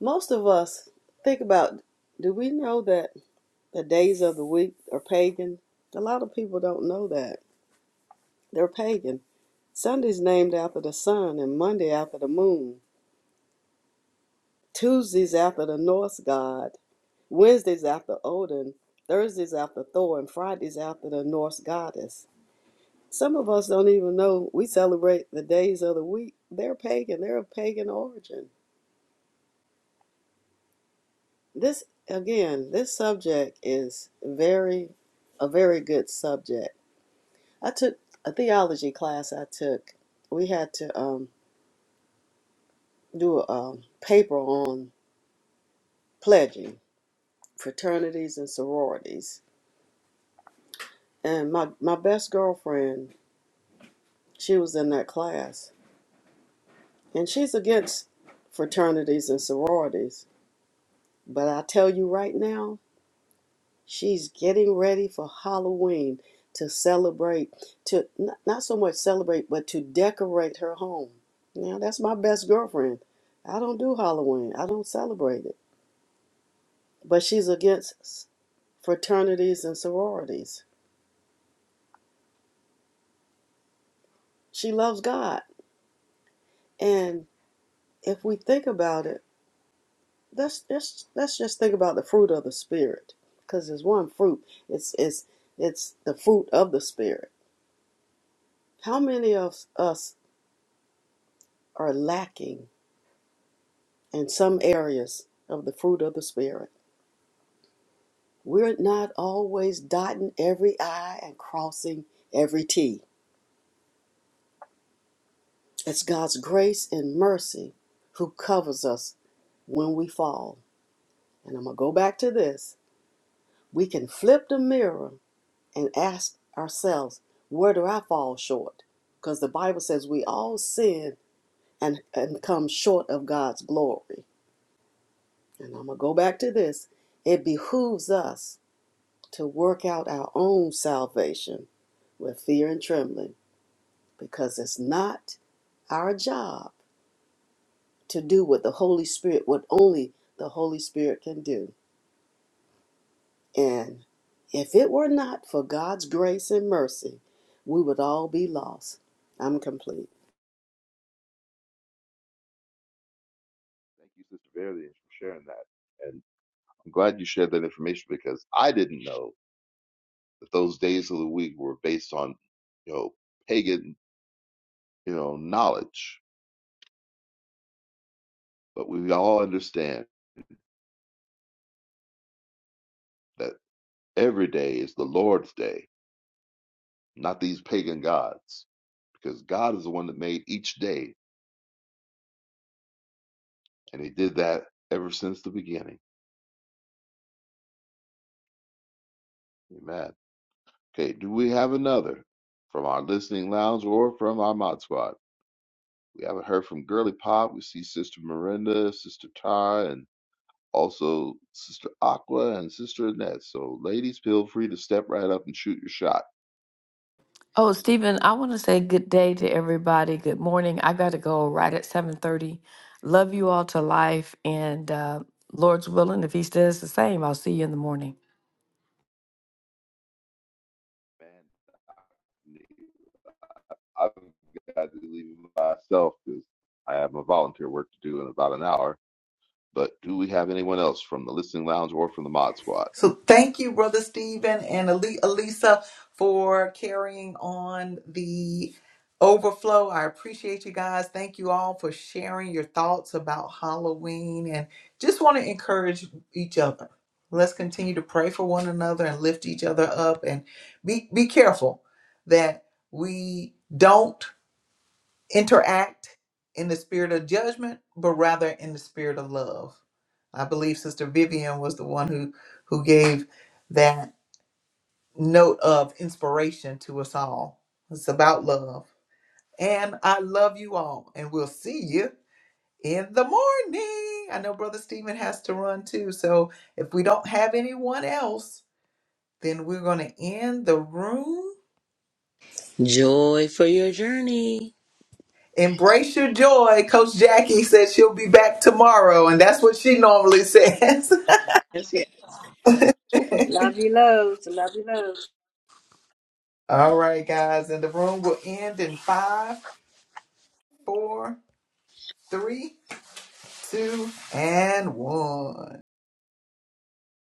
Speaker 10: most of us think about do we know that the days of the week are pagan? A lot of people don't know that. They're pagan. Sunday's named after the sun, and Monday after the moon. Tuesday's after the Norse god. Wednesday's after Odin. Thursday's after Thor, and Friday's after the Norse goddess. Some of us don't even know we celebrate the days of the week. They're pagan, they're of pagan origin. This again, this subject is very a very good subject. I took a theology class I took. We had to um, do a, um paper on pledging fraternities and sororities. And my, my best girlfriend, she was in that class. And she's against fraternities and sororities. But I tell you right now, She's getting ready for Halloween to celebrate, to not, not so much celebrate, but to decorate her home. Now, that's my best girlfriend. I don't do Halloween, I don't celebrate it. But she's against fraternities and sororities. She loves God. And if we think about it, let's just, let's just think about the fruit of the Spirit. Because there's one fruit, it's, it's, it's the fruit of the Spirit. How many of us are lacking? and some areas of the fruit of the Spirit. We're not always dotting every I and crossing every T. It's God's grace and mercy who covers us when we fall. And I'm going to go back to this. We can flip the mirror and ask ourselves, where do I fall short? Because the Bible says we all sin and, and come short of God's glory. And I'm going to go back to this. It behooves us to work out our own salvation with fear and trembling because it's not our job to do what the Holy Spirit, what only the Holy Spirit can do. And if it were not for God's grace and mercy, we would all be lost. I'm complete.
Speaker 12: Thank you, Sister Verity, for sharing that. And I'm glad you shared that information because I didn't know that those days of the week were based on, you know, pagan, you know, knowledge. But we all understand that. Every day is the Lord's day, not these pagan gods, because God is the one that made each day, and He did that ever since the beginning. Amen. Okay, do we have another from our listening lounge or from our mod squad? We haven't heard from Girly Pop. We see Sister Miranda, Sister Ty, and also Sister Aqua and Sister Annette. So, ladies, feel free to step right up and shoot your shot.
Speaker 5: Oh,
Speaker 12: [laughs] Man,
Speaker 5: Stephen, I want to say good day to everybody. Good morning. I got to go right at 7:30. Love you all to life and uh Lord's willing if he does the same, I'll see you in the morning.
Speaker 12: I've got to leave myself because I have my volunteer work to do in about an hour. But do we have anyone else from the listening lounge or from the mod squad?
Speaker 1: So thank you, Brother Stephen and Ali- Elisa, for carrying on the overflow. I appreciate you guys. Thank you all for sharing your thoughts about Halloween and just want to encourage each other. Let's continue to pray for one another and lift each other up and be, be careful that we don't interact in the spirit of judgment, but rather in the spirit of love. I believe Sister Vivian was the one who who gave that note of inspiration to us all. It's about love. And I love you all. And we'll see you in the morning. I know Brother Stephen has to run too. So if we don't have anyone else, then we're going to end the room
Speaker 7: Joy for your journey.
Speaker 1: Embrace your joy. Coach Jackie says she'll be back tomorrow, and that's what she normally says. [laughs]
Speaker 3: Love you loads. Love you loads.
Speaker 1: All right, guys, and the room will end in five, four, three, two, and one.